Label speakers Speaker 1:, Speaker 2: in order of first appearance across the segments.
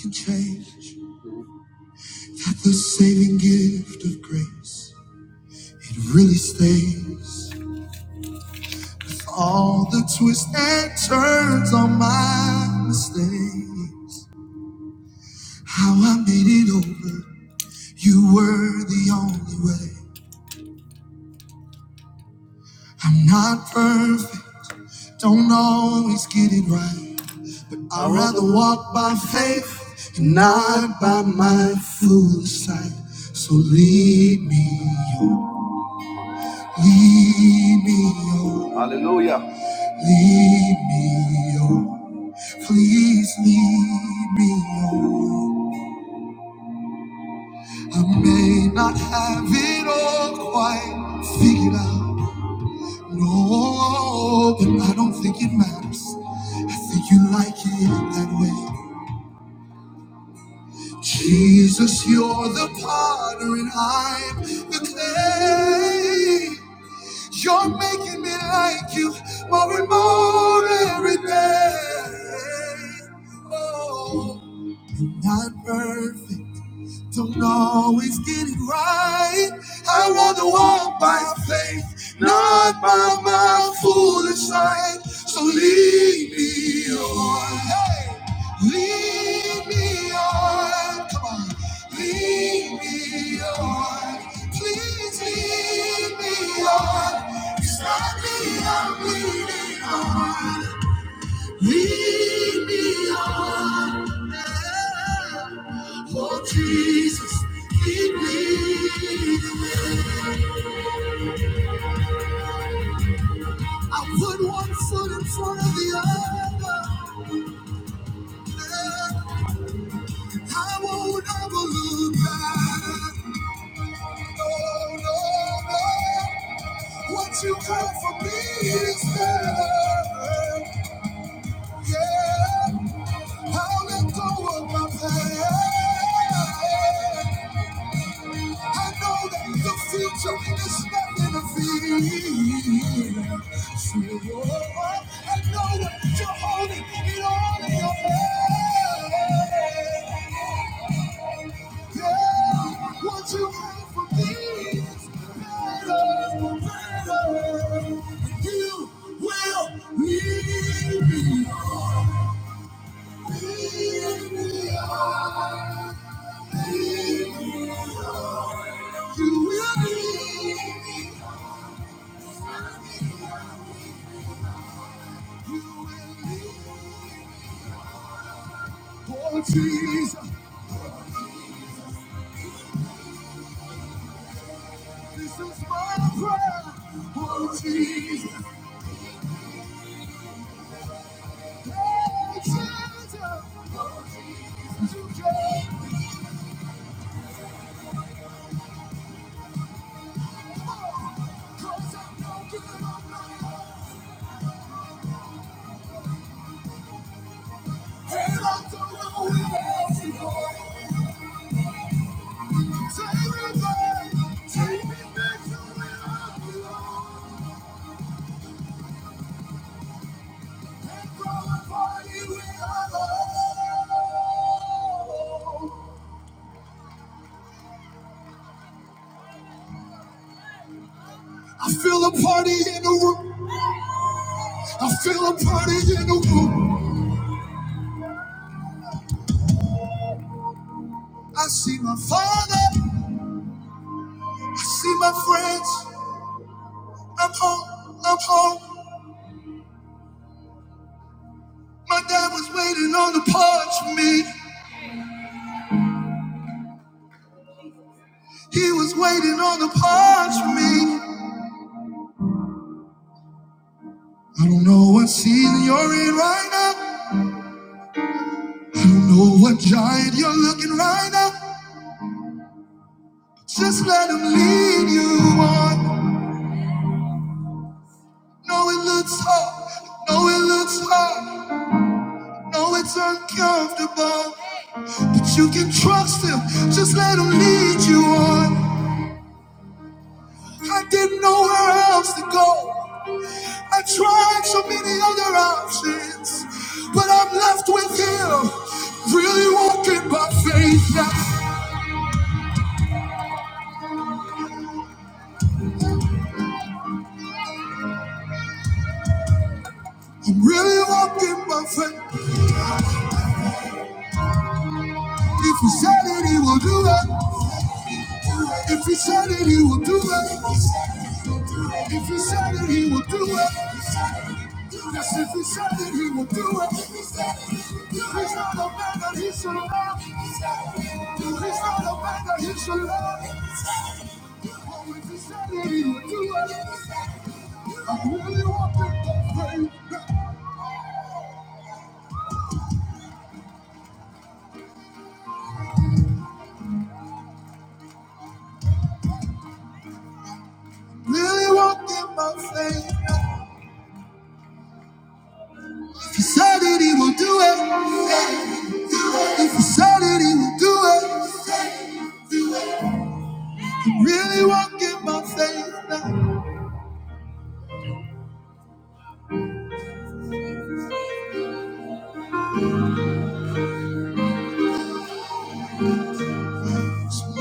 Speaker 1: can change. That the saving gift of grace, it really stays. All the twists and turns on my mistakes. How I made it over, you were the only way. I'm not perfect, don't always get it right. I'd rather walk by faith and not by my foolish sight. So lead me oh Lead me, oh. Hallelujah. Lead me, oh. Please lead me, oh. I may not have it all quite figured out. No, but I don't think it matters. I think you like it that way. Jesus, you're the potter and I'm the clay. You're making me like you more and more every day. Oh, I'm not perfect. Don't always get it right. I want to walk by faith, not by my foolish sight. So lead me on. Hey, lead me on. Come on. Lead me on. Please lead me on. It's not me I'm leading on. Lead me on. Oh, Jesus, lead me the way. I put one foot in front of the other. I won't ever look back. No, no, no. What you have for me is better. Yeah, I'll let go of my pain. I know that the future is not in the field. So I know that you're holding it all in your hand. Yeah, what you have for me is better, better. You will need me. Need me, oh, need me. oh. You will need me. Oh Jesus, this is my prayer. Oh Jesus, oh Jesus, oh Jesus, you came for, cause I'm no good on my own. And I don't know where else to go. Take me back, take me back to where I belong. Party where I belong. I feel a party in the room. I feel a party in the room. I see my father, I see my friends. I'm home, I'm home. My dad was waiting on the porch for me. He was waiting on the porch for me. I don't know what season you're in right now. I don't know what giant you're looking right now. Just let him lead you on. No, it looks hard. No, it looks hard. No, it's uncomfortable. But you can trust him. Just let him lead you on. I didn't know where else to go. I tried so many other options, but I'm left with him. Really walking by faith now. I'm really walking by faith. If he said it, he will do it. If he said it, he will do it. If he said it, he will do it. Yes, if he said it, he will do it. He's not a man that he should love. He's not a man that he should love. Oh, if he said it, he will do it. I really want that faith. Really want that my faith. If he said it, he will do it. If he said it, he will do it. I really want that my faith. Now.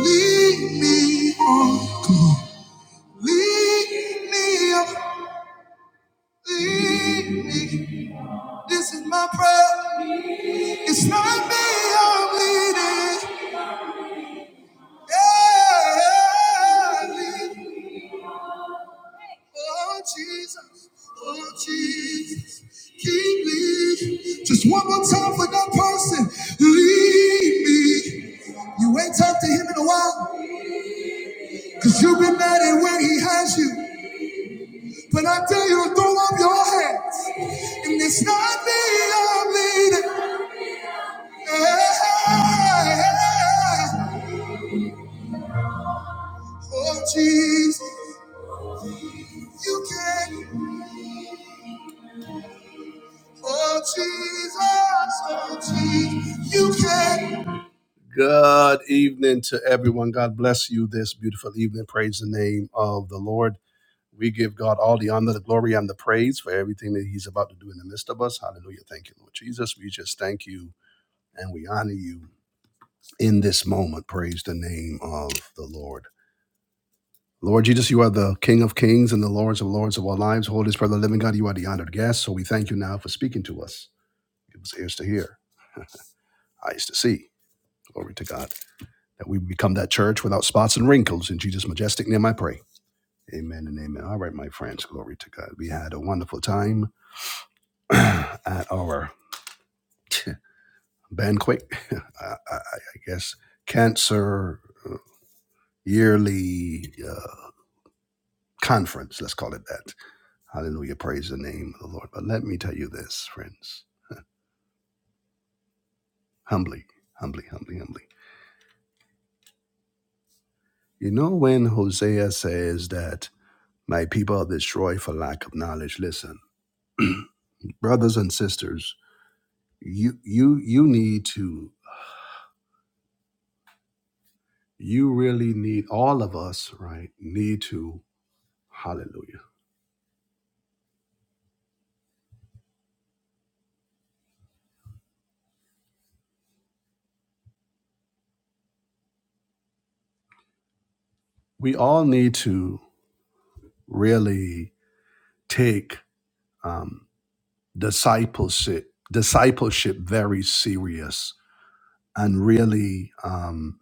Speaker 1: Lead me on. Lead me on. Lead me. This is my prayer. It's not me I'm leading. Yeah. yeah, yeah, lead Oh Jesus, oh Jesus, keep me. Just one more time for that person. Leave me. You ain't talked to him in a while, cause you've been mad at where he has you. But I tell you, throw up your hands. And it's not me I'm leading. Yeah. Oh Jesus, you can. Oh Jesus, oh Jesus, you can. Good evening to everyone. God bless you this beautiful evening. Praise the name of the Lord. We give God all the honor, the glory, and the praise for everything that He's about to do in the midst of us. Hallelujah. Thank you, Lord Jesus. We just thank you and we honor you in this moment. Praise the name of the Lord. Lord Jesus, you are the King of kings and the Lords of lords of our lives. Holy Spirit of the living God, you are the honored guest. So we thank you now for speaking to us. Give us ears to hear, eyes to see. Glory to God. that we become that church without spots and wrinkles. In Jesus' majestic name, I pray. Amen and amen. All right, my friends, glory to God. We had a wonderful time at our banquet. I, I, I guess cancer uh, yearly uh, conference. Let's call it that. Hallelujah. Praise the name of the Lord. But let me tell you this, friends, humbly, humbly, humbly, humbly. You know when Hosea says that my people are destroyed for lack of knowledge. Listen, brothers and sisters. you you you need to you really need all of us right need to hallelujah we all need to really take um discipleship discipleship very serious and really um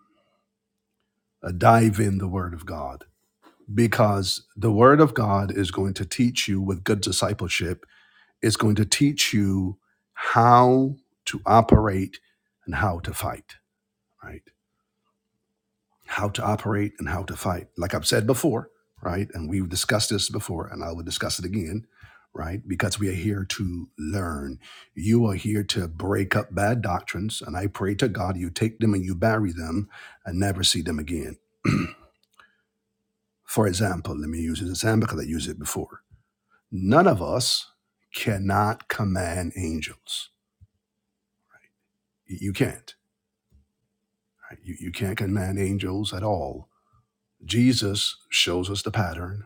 Speaker 1: uh, dive in the word of god because the word of god is going to teach you with good discipleship it's going to teach you how to operate and how to fight right how to operate and how to fight. Like I've said before, right? And we've discussed this before, and I will discuss it again, right? Because we are here to learn. You are here to break up bad doctrines, and I pray to God you take them and you bury them and never see them again. For example, let me use an example because I used it before. None of us cannot command angels. Y- You can't. right? You, you can't command angels at all. Jesus shows us the pattern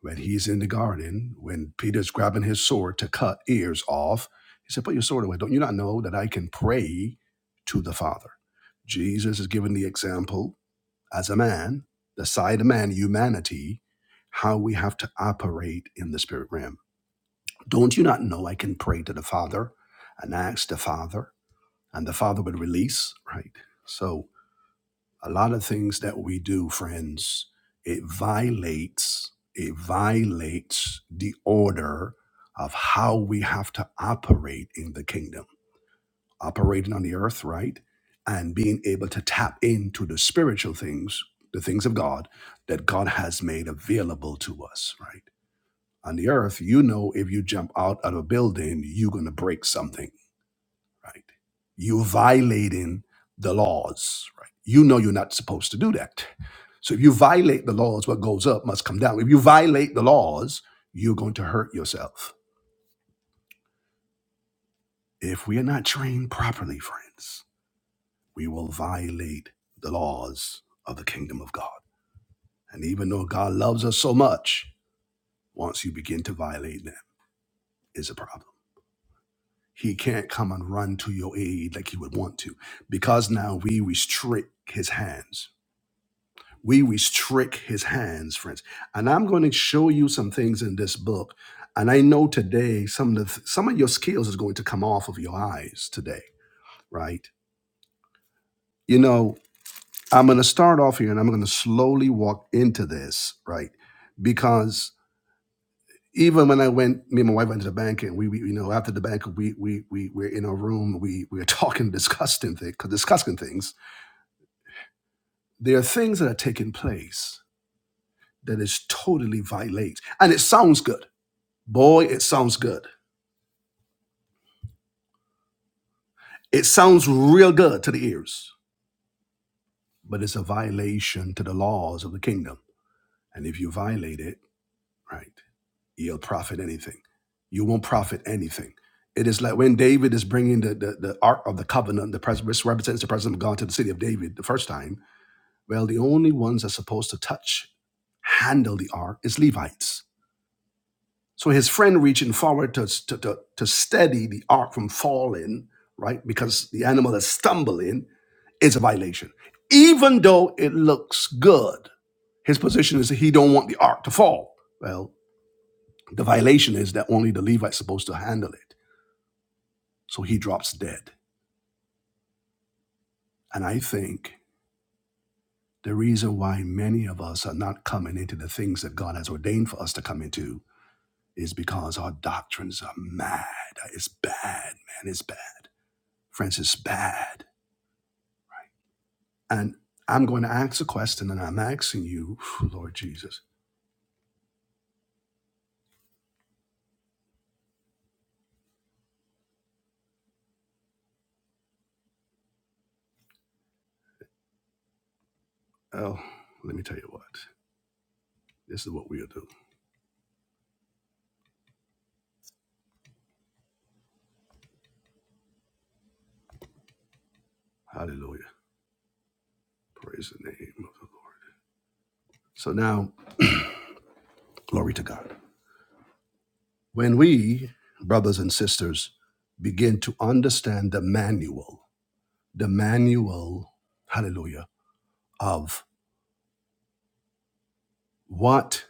Speaker 1: when he's in the garden, when Peter's grabbing his sword to cut ears off, he said, Put your sword away. Don't you not know that I can pray to the Father? Jesus is giving the example as a man, the side of man, humanity, how we have to operate in the spirit realm. Don't you not know I can pray to the Father and ask the Father, and the Father would release, right? So a lot of things that we do, friends, it violates, it violates the order of how we have to operate in the kingdom, operating on the earth, right? And being able to tap into the spiritual things, the things of God that God has made available to us, right? On the earth, you know, if you jump out of a building, you're going to break something right? You violating the laws, right? You know you're not supposed to do that. So if you violate the laws, what goes up must come down. If you violate the laws, you're going to hurt yourself. If we are not trained properly, friends, we will violate the laws of the kingdom of God. And even though God loves us so much, once you begin to violate them, is a problem. He can't come and run to your aid like he would want to, because now we restrict his hands we restrict his hands, friends. And I'm going to show you some things in this book. And I know today some of the, some of your skills is going to come off of your eyes today, right? You know, I'm going to start off here and I'm going to slowly walk into this, right? Because even when I went, me and my wife went to the bank, and we, we you know, after the bank, we we we were in our room, we we were talking, discussing things, discussing things. There are things that are taking place that is totally violate, and it sounds good Boy, it sounds good. It sounds real good to the ears, but it's a violation to the laws of the kingdom. And if you violate it, right, you'll profit anything. You won't profit anything. It is like when David is bringing the, the, the Ark of the Covenant, the pres- which represents the presence of God to the city of David the first time. Well, the only ones that's supposed to touch, handle the Ark is Levites. So his friend reaching forward to, to, to, to steady the Ark from falling, right, because the animal is stumbling It's a violation. Even though it looks good, his position is that he don't want the ark to fall. Well, the violation is that only the Levite's supposed to handle it. So he drops dead. And I think the reason why many of us are not coming into the things that God has ordained for us to come into is because our doctrines are mad. It's bad, man. It's bad. Friends, it's bad. And I'm going to ask a question and I'm asking you, Lord Jesus. Oh, let me tell you what. This is what we'll do. Hallelujah. Praise the name of the Lord. So now, glory to God. When we, brothers and sisters, begin to understand the manual, the manual, hallelujah, of what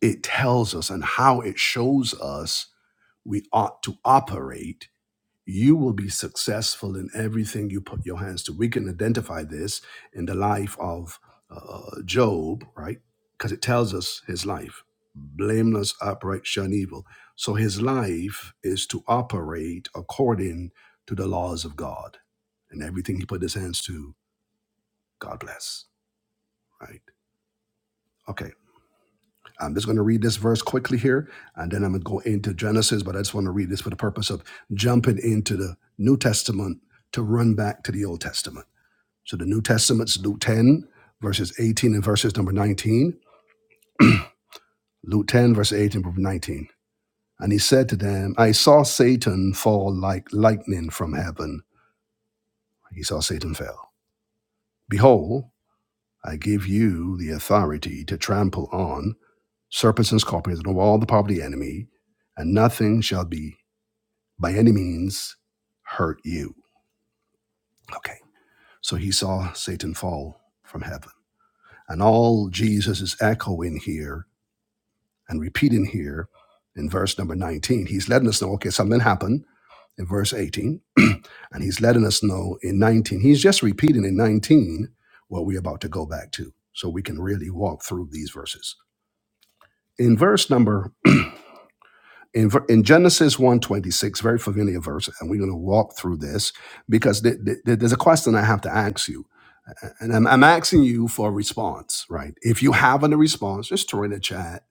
Speaker 1: it tells us and how it shows us we ought to operate you will be successful in everything you put your hands to. We can identify this in the life of uh, Job, right? Because it tells us his life blameless, upright, shun evil. So his life is to operate according to the laws of God. And everything he put his hands to, God bless, right? Okay. I'm just going to read this verse quickly here, and then I'm going to go into Genesis, but I just want to read this for the purpose of jumping into the New Testament to run back to the Old Testament. So the New Testament's Luke 10, verses 18 and verses number 19. Luke 10, verse 18 number 19. And he said to them, I saw Satan fall like lightning from heaven. He saw Satan fell. Behold, I give you the authority to trample on serpents and scorpions and over all the power of the enemy, and nothing shall be by any means hurt you. Okay. So he saw Satan fall from heaven. And all Jesus is echoing here and repeating here in verse number 19, he's letting us know, okay, something happened in verse 18. and he's letting us know in 19, he's just repeating in 19 what we're about to go back to. So we can really walk through these verses. In verse number, in, ver- in Genesis one twenty six, very familiar verse, and we're going to walk through this because th- th- there's a question I have to ask you and I'm, I'm asking you for a response, right? If you have a response, just throw in the chat.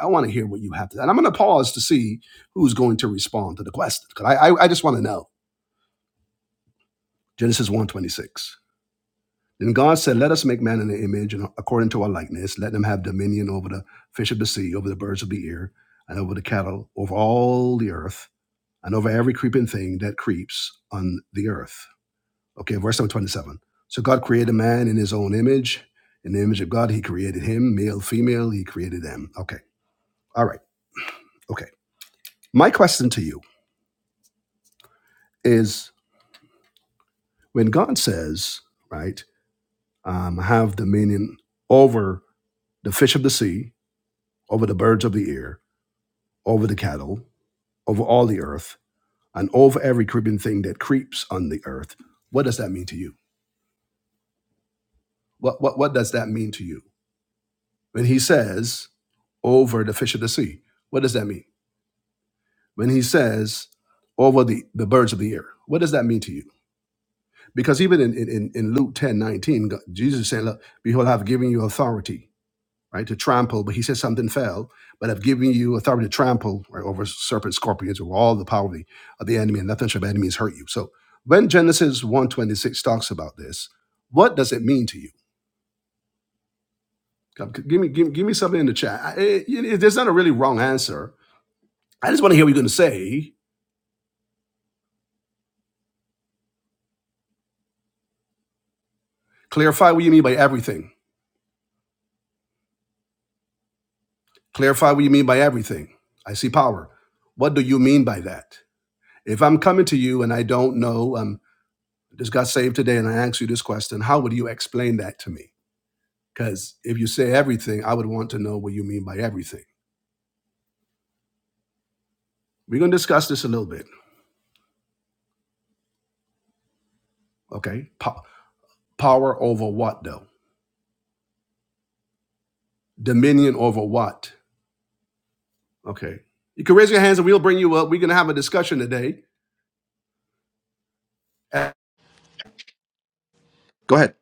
Speaker 1: I want to hear what you have to. And I'm going to pause to see who's going to respond to the question because I, I I just want to know. Genesis one twenty six. Then God said, "Let us make man in the image and according to our likeness. Let them have dominion over the fish of the sea, over the birds of the air, and over the cattle, over all the earth, and over every creeping thing that creeps on the earth." Okay, verse number 27. So God created man in his own image. In the image of God, he created him, male, female, he created them. Okay, all right, okay. My question to you is when God says, right, um, have dominion over the fish of the sea, over the birds of the air, over the cattle, over all the earth, and over every creeping thing that creeps on the earth, what does that mean to you? What, what, what does that mean to you? When he says, over the fish of the sea, what does that mean? when he says, over the, the birds of the air. What does that mean to you? Because even in, in, in Luke 10 19, God- Jesus is saying, Look, behold, I've given you authority, right, to trample. But he says something fell, but I've given you authority to trample right, over serpents, scorpions, over all the power of the, of the enemy, and nothing shall by any means hurt you. So when Genesis 126 talks about this, what does it mean to you? Come, Give me, give, give me something in the chat. I- it- it- there's not a really wrong answer. I just want to hear what you're going to say. Clarify what you mean by everything Clarify what you mean by everything. I see power. What do you mean by that? If I'm coming to you and I don't know, um, just got saved today and I ask you this question, how would you explain that to me? Because if you say everything, I would want to know what you mean by everything. We're going to discuss this a little bit. Okay. Po- power over what, though? Dominion over what? Okay. You can raise your hands and we'll bring you up. We're going to have a discussion today. Uh, Go ahead.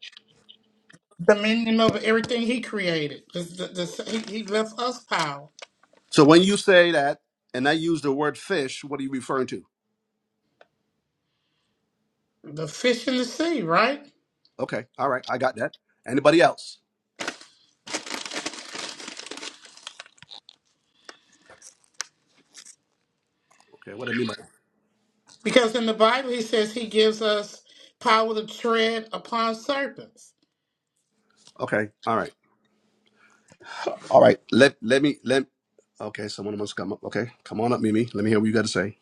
Speaker 2: dominion over everything he created. The, the, the, he, he left us power.
Speaker 1: So when you say that, and I use the word fish, what are you referring to?
Speaker 2: The fish in the sea, right?
Speaker 1: Okay. All right. I got that. Anybody else? Okay. What do I mean by that.
Speaker 2: Because in the Bible, he says he gives us power to tread upon serpents.
Speaker 1: Okay. All right. All right. Let let me let. Okay. Someone must come up. Okay. Come on up, Mimi. Let me hear what you got to say.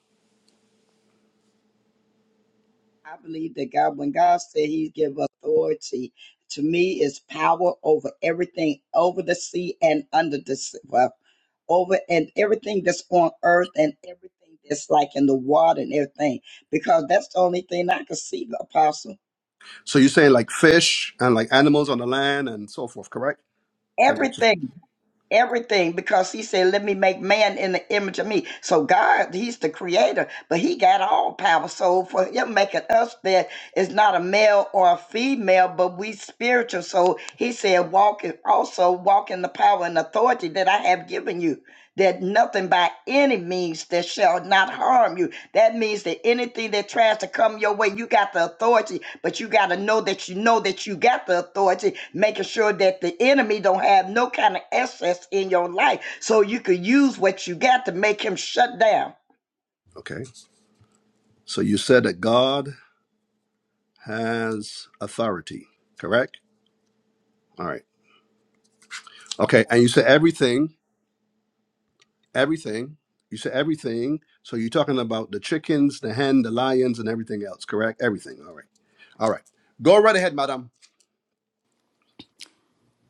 Speaker 3: I believe that God, when God said He give authority, to me is power over everything over the sea and under the sea, well, over and everything that's on earth and everything that's like in the water and everything, because that's the only thing I can see, Apostle.
Speaker 1: So you're saying like fish and like animals on the land and so forth, correct? So that-
Speaker 3: Everything. everything because he said let me make man in the image of me so god he's the creator but he got all power so for him making us that is not a male or a female but we spiritual so he said walk in- also walk in the power and authority that i have given you that nothing by any means that shall not harm you that means that anything that tries to come your way, you got the authority, but you got to know that you know that you got the authority, making sure that the enemy don't have no kind of excess in your life so you could use what you got to make him shut down.
Speaker 1: okay. So you said that God has authority, correct? All right. Okay. And you said everything, everything. You said everything. So you're talking about the chickens, the hen, the lions, and everything else, correct? Everything. All right. All right. Go right ahead, madam.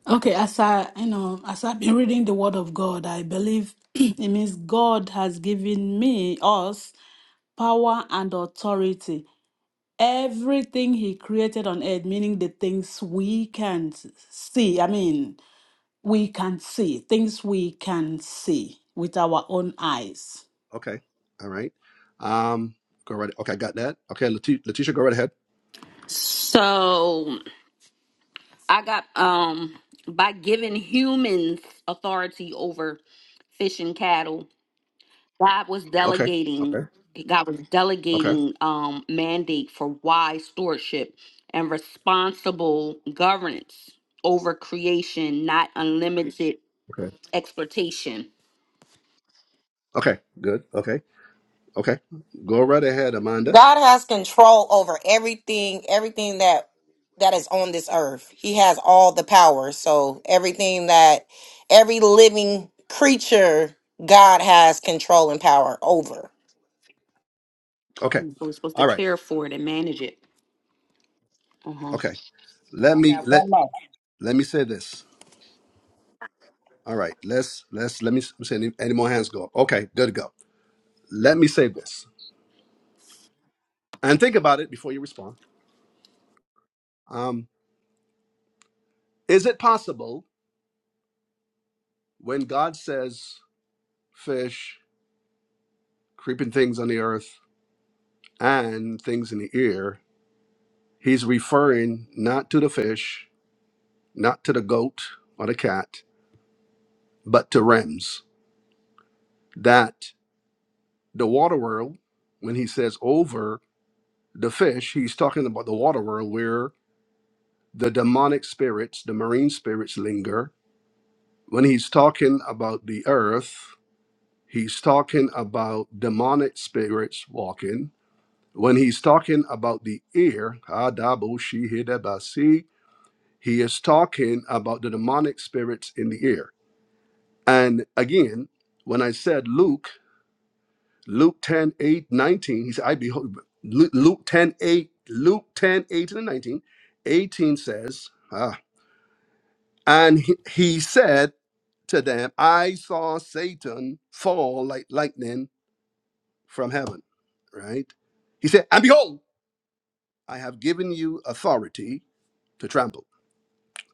Speaker 4: Okay, as I, you know, as I've been reading the Word of God, I believe it means God has given me, us, power and authority. Everything He created on earth, meaning the things we can see, I mean, we can see, things we can see with our own eyes.
Speaker 1: Okay. All right. Um, go right. Okay, I got that. Okay, Leti- Letitia, go right ahead.
Speaker 5: So I got um by giving humans authority over fish and cattle, God was
Speaker 1: Okay.
Speaker 5: delegating
Speaker 1: Okay.
Speaker 5: God was
Speaker 1: Okay.
Speaker 5: delegating um mandate for wise stewardship and responsible governance over creation, not unlimited
Speaker 1: Okay.
Speaker 5: exploitation.
Speaker 1: Okay. Good. Okay. Okay. Go right ahead, Amanda.
Speaker 6: God has control over everything, everything that that is on this earth. He has all the power. So everything that every living creature, God has control and power over.
Speaker 1: Okay.
Speaker 5: So We're supposed to
Speaker 1: All right.
Speaker 5: care for it and manage it. Uh-huh.
Speaker 1: Okay. Let
Speaker 3: I
Speaker 1: me
Speaker 3: got
Speaker 1: let
Speaker 3: one more
Speaker 1: let me say this. All right. Let's let's let me s- say any, any more hands go. up. Okay. Good to go. Let me say this and think about it before you respond. Um, is it possible when God says fish, creeping things on the earth, and things in the ear? He's referring not to the fish, not to the goat or the cat, but to Rems. That the water world, when he says over the fish, he's talking about the water world where the demonic spirits, the marine spirits linger. When he's talking about the earth, he's talking about demonic spirits walking. When he's talking about the ear, Adabu Shihidabasi, he is talking about the demonic spirits in the ear. And again, when I said Luke, Luke 10 8 19, he said, I behold, Lu- Luke 10 8, Luke 10, eighteen and 19, 18 says, ah, and he, he said to them, I saw Satan fall like lightning from heaven, right? He said, and behold, I have given you authority to trample.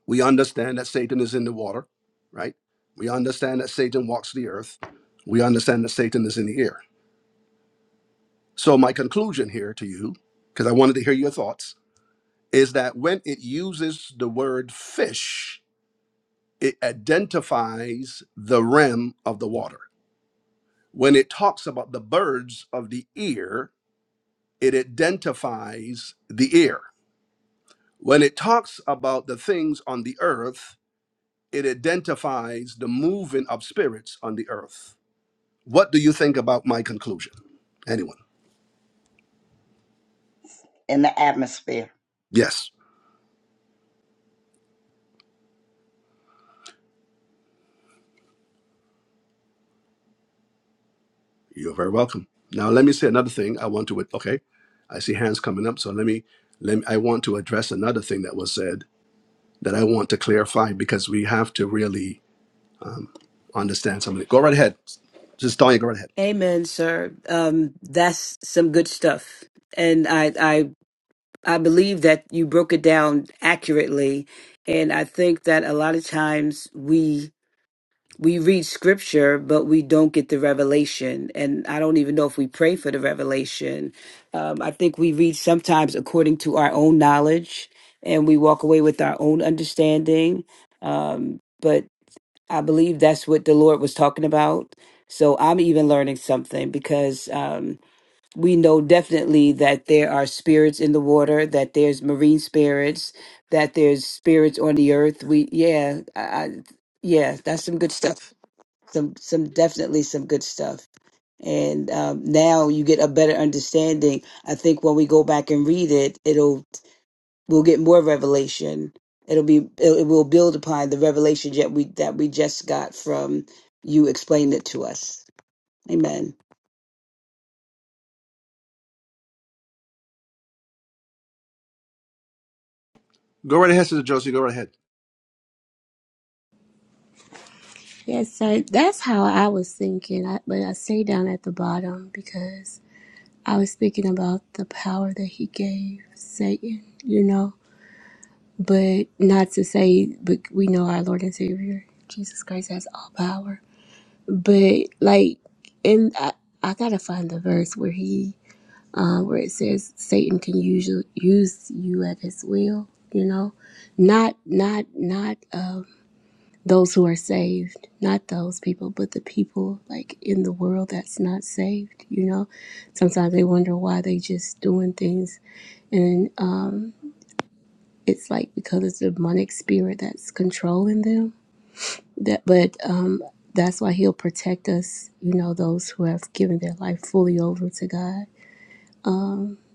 Speaker 1: We understand that Satan is in the water, right? We understand that Satan walks the earth. We understand that Satan is in the air So, my conclusion here to you, because I wanted to hear your thoughts, is that when it uses the word fish, it identifies the rim of the water. When it talks about the birds of the ear, it identifies the ear. When it talks about the things on the earth, it identifies the moving of spirits on the earth. What do you think about my conclusion? Anyone?
Speaker 3: in the atmosphere.
Speaker 1: Yes. You're very welcome. Now, let me say another thing. I want to, with okay, I see hands coming up. So let me, let me, I want to address another thing that was said that I want to clarify because we have to really understand something. Go right ahead. Just Tanya, go right ahead.
Speaker 7: Amen, sir. Um, that's some good stuff, and I, I, I believe that you broke it down accurately, and I think that a lot of times we we read scripture, but we don't get the revelation, and I don't even know if we pray for the revelation. Um, I think we read sometimes according to our own knowledge, and we walk away with our own understanding. Um, but I believe that's what the Lord was talking about. So I'm even learning something because um, we know definitely that there are spirits in the water, that there's marine spirits, that there's spirits on the earth. We yeah, I, I yeah, that's some good stuff. Some some definitely some good stuff. And um, now you get a better understanding. I think when we go back and read it, it'll we'll get more revelation. It'll be it it will build upon the revelation that we that we just got from you explained it to us. Amen.
Speaker 1: Go right ahead, Sister Josie. Go right ahead.
Speaker 8: Yes, sir. That's how I was thinking. I, but I say down at the bottom because I was thinking about the power that he gave Satan, you know. But not to say, but we know our Lord and Savior, Jesus Christ, has all power. But like, and I, I gotta find the verse where he, um, where it says Satan can use you, use you at his will, you know, not, not, not uh, those who are saved, not those people, but the people like in the world that's not saved. You know, sometimes they wonder why they just doing things, and um, it's like because it's a demonic spirit that's controlling them. That, but um, that's why He'll protect us. You know, those who have given their life fully over to God.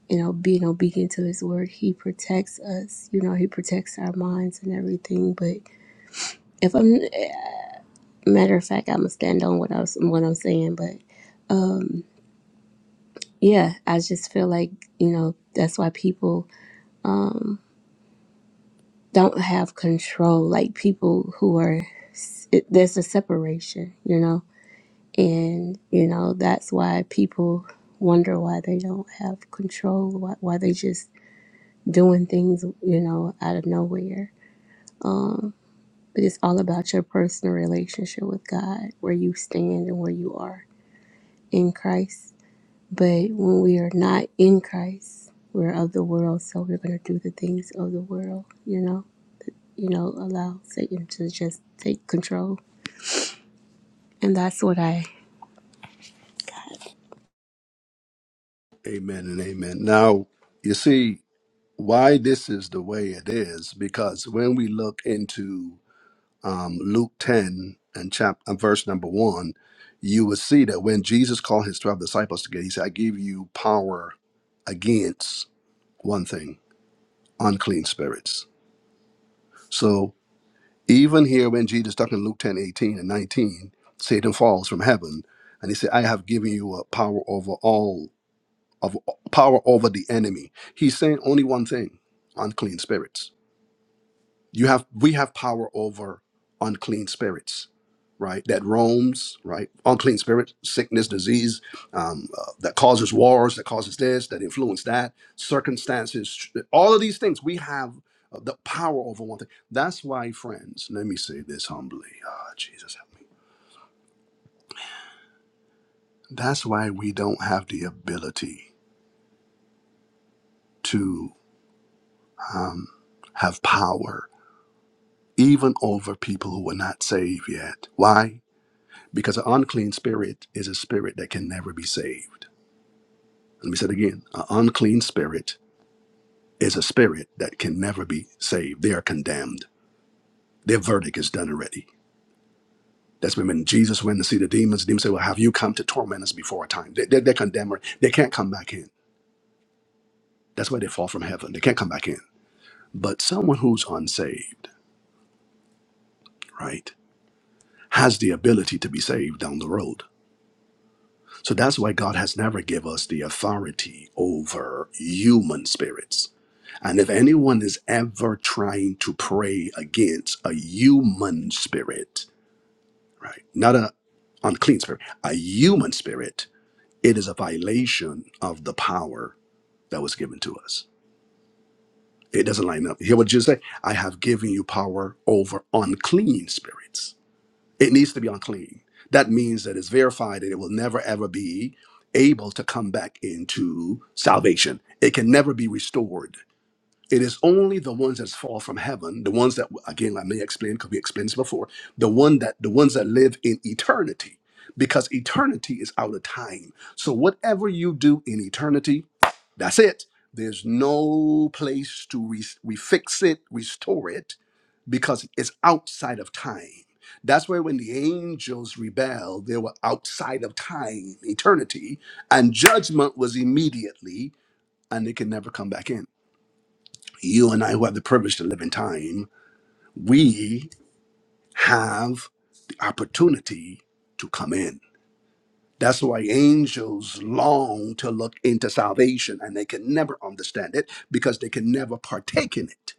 Speaker 8: You know, being obedient to His word, He protects us. You know, He protects our minds and everything. But if I'm, matter of fact, I'm gonna stand on what I was, what I'm saying, but Yeah, I just feel like, you know, that's why people don't have control. Like people who are, it, there's a separation, you know? And, you know, that's why people wonder why they don't have control, why, why they just doing things, you know, out of nowhere. But it's all about your personal relationship with God, where you stand and where you are in Christ. But when we are not in Christ, we're of the world, so we're going to do the things of the world, you know? you know, allow Satan to just take control. And that's what I got.
Speaker 1: Amen and amen. Now, you see why this is the way it is because when we look into um, Luke 10 and chapter uh, verse number one, you will see that when Jesus called his 12 disciples together, he said, I give you power against one thing, unclean spirits. So even here when Jesus talking in Luke 10 18 and 19, Satan falls from heaven and he said, I have given you a power over all of power over the enemy. He's saying only one thing, unclean spirits. you have we have power over unclean spirits right that roams right unclean spirit sickness disease um, uh, that causes wars that causes this that influence that circumstances all of these things we have uh, the power over one thing that's why friends let me say this humbly Ah, jesus help me that's why we don't have the ability to um, have power even over people who are not saved yet why because an unclean spirit is a spirit that can never be saved. Let me say it again. An unclean spirit is a spirit that can never be saved. They are condemned. Their verdict is done already. That's when when Jesus went to see the demons, the demons said, Well, have you come to torment us before our time? They, they, they're condemned. They can't come back in. That's why they fall from heaven. They can't come back in. But someone who's unsaved, right, has the ability to be saved down the road So that's why God has never given us the authority over human spirits. And if anyone is ever trying to pray against a human spirit, right, not a unclean spirit, a human spirit, it is a violation of the power that was given to us. It doesn't line up. Hear what Jesus said? I have given you power over unclean spirits it needs to be unclean. That means that it's verified and it will never ever be able to come back into salvation. It can never be restored. It is only the ones that fall from heaven, the ones that again I may explain because we explained this before, the one that the ones that live in eternity, because eternity is out of time. So whatever you do in eternity, that's it. There's no place to re- refix it, restore it because it's outside of time. That's where when the angels rebelled, they were outside of time, eternity, and judgment was immediately, and they can never come back in. You and I, who have the privilege to live in time, we have the opportunity to come in. That's why angels long to look into salvation and they can never understand it because they can never partake in it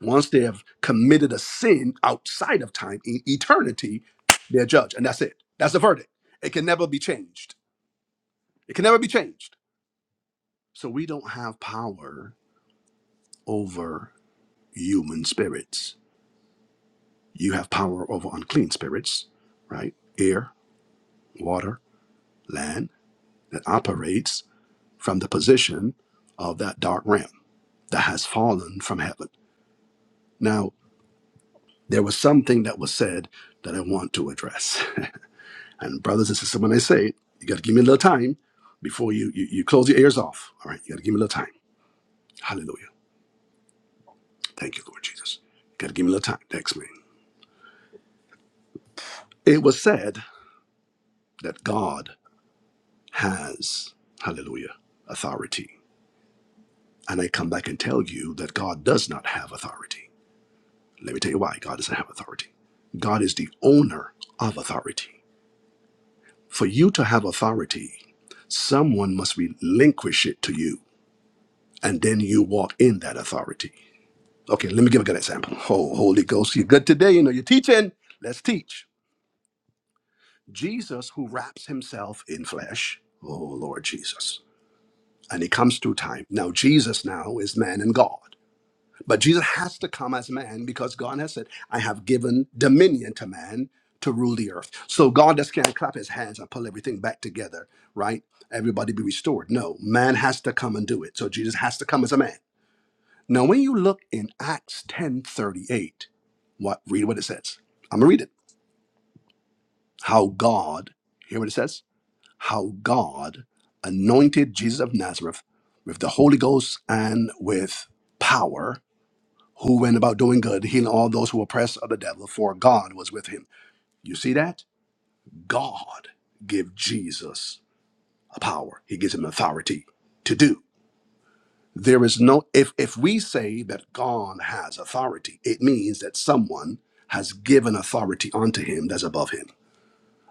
Speaker 1: Once they have committed a sin outside of time in eternity, they're judged. And that's it. That's the verdict. It can never be changed. It can never be changed. So we don't have power over human spirits. You have power over unclean spirits, right? Air, water, land that operates from the position of that dark realm that has fallen from heaven. Now, there was something that was said that I want to address. And brothers and sisters, when I say it, you got to give me a little time before you, you you close your ears off. All right, you got to give me a little time. Hallelujah. Thank you, Lord Jesus. You got to give me a little time. Thanks, man. It was said that God has Hallelujah authority, and I come back and tell you that God does not have authority. Let me tell you why God doesn't have authority. God is the owner of authority. For you to have authority, someone must relinquish it to you, and then you walk in that authority. Okay, let me give a good example. Oh, Holy Ghost, you're good today. You know, you're teaching. Let's teach. Jesus, who wraps himself in flesh. Oh, Lord Jesus. And he comes through time. Now, Jesus now is man and God. But Jesus has to come as man because God has said, I have given dominion to man to rule the earth. So God just can't clap his hands and pull everything back together, right? Everybody be restored. No, man has to come and do it. So Jesus has to come as a man. Now, when you look in Acts 10:38, what read what it says. I'm gonna read it. How God, hear what it says, how God anointed Jesus of Nazareth with the Holy Ghost and with power, who went about doing good, healing all those who were oppressed of the devil, for God was with him. You see that? God give Jesus a power. He gives him authority to do. There is no if if we say that God has authority, it means that someone has given authority unto him that's above him.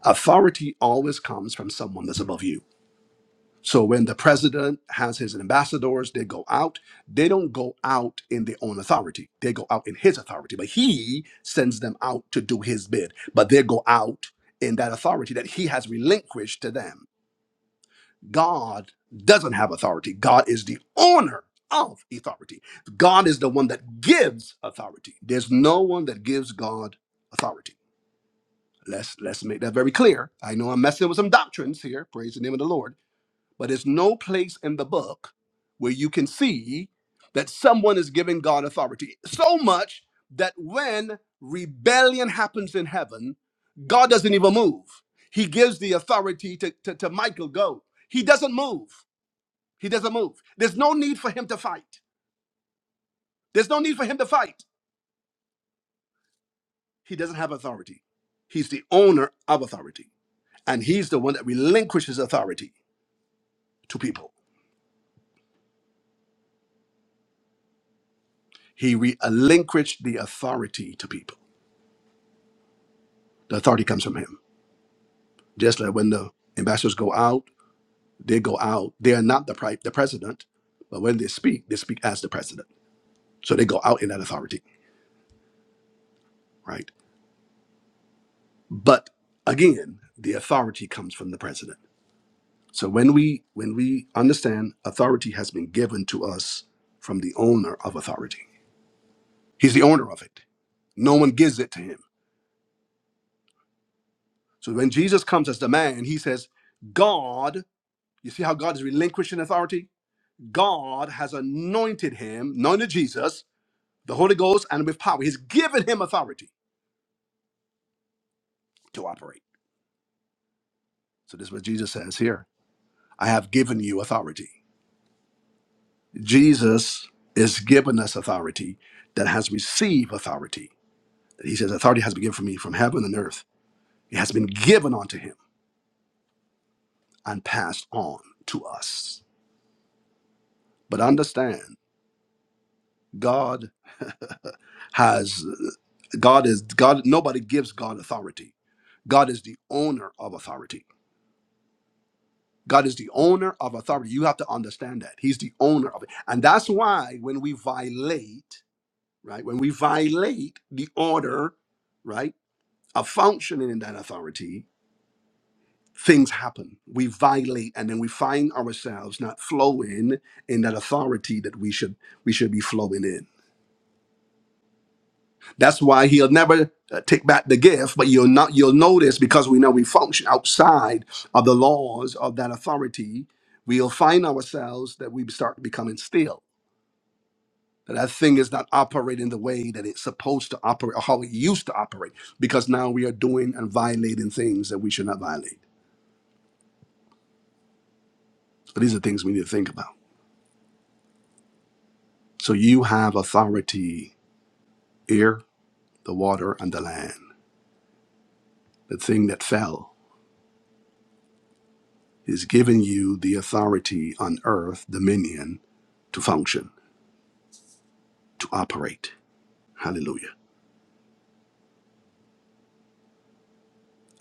Speaker 1: Authority always comes from someone that's above you. So when the president has his ambassadors, they go out. They don't go out in their own authority. They go out in his authority, but he sends them out to do his bid. But they go out in that authority that he has relinquished to them God doesn't have authority. God is the owner of authority. God is the one that gives authority. There's no one that gives God authority. Let's let's make that very clear. I know I'm messing with some doctrines here, praise the name of the Lord, but there's no place in the book where you can see that someone is giving God authority. So much that when rebellion happens in heaven, God doesn't even move. He gives the authority to, to, to Michael go. He doesn't move. He doesn't move. There's no need for him to fight. There's no need for him to fight. He doesn't have authority. He's the owner of authority. And he's the one that relinquishes authority to people. He relinquished the authority to people. The authority comes from him. Just like when the ambassadors go out, they go out. They are not the, pri- the president, but when they speak, they speak as the president. So they go out in that authority, right? But again, the authority comes from the president. So when we when we understand authority has been given to us from the owner of authority. He's the owner of it. No one gives it to him. So when Jesus comes as the man, he says, God, you see how God is relinquishing authority? God has anointed him, anointed Jesus, the Holy Ghost, and with power. He's given him authority to operate. So this is what Jesus says here. I have given you authority. Jesus is given us authority that has received authority. He says, Authority has been given for me from heaven and earth. It has been given unto him and passed on to us. But understand, God has God is God, nobody gives God authority. God is the owner of authority. God is the owner of authority. You have to understand that. He's the owner of it. And that's why when we violate, right, when we violate the order, right, of functioning in that authority, things happen. We violate, and then we find ourselves not flowing in that authority that we should we should be flowing in. That's why he'll never uh, take back the gift, but you'll not you'll notice because we know we function outside of the laws of that authority. We'll find ourselves that we start becoming still. That that thing is not operating the way that it's supposed to operate or how it used to operate because now we are doing and violating things that we should not violate. So these are things we need to think about. So you have authority air, the water, and the land. The thing that fell is giving you the authority on earth, dominion, to function, to operate. Hallelujah.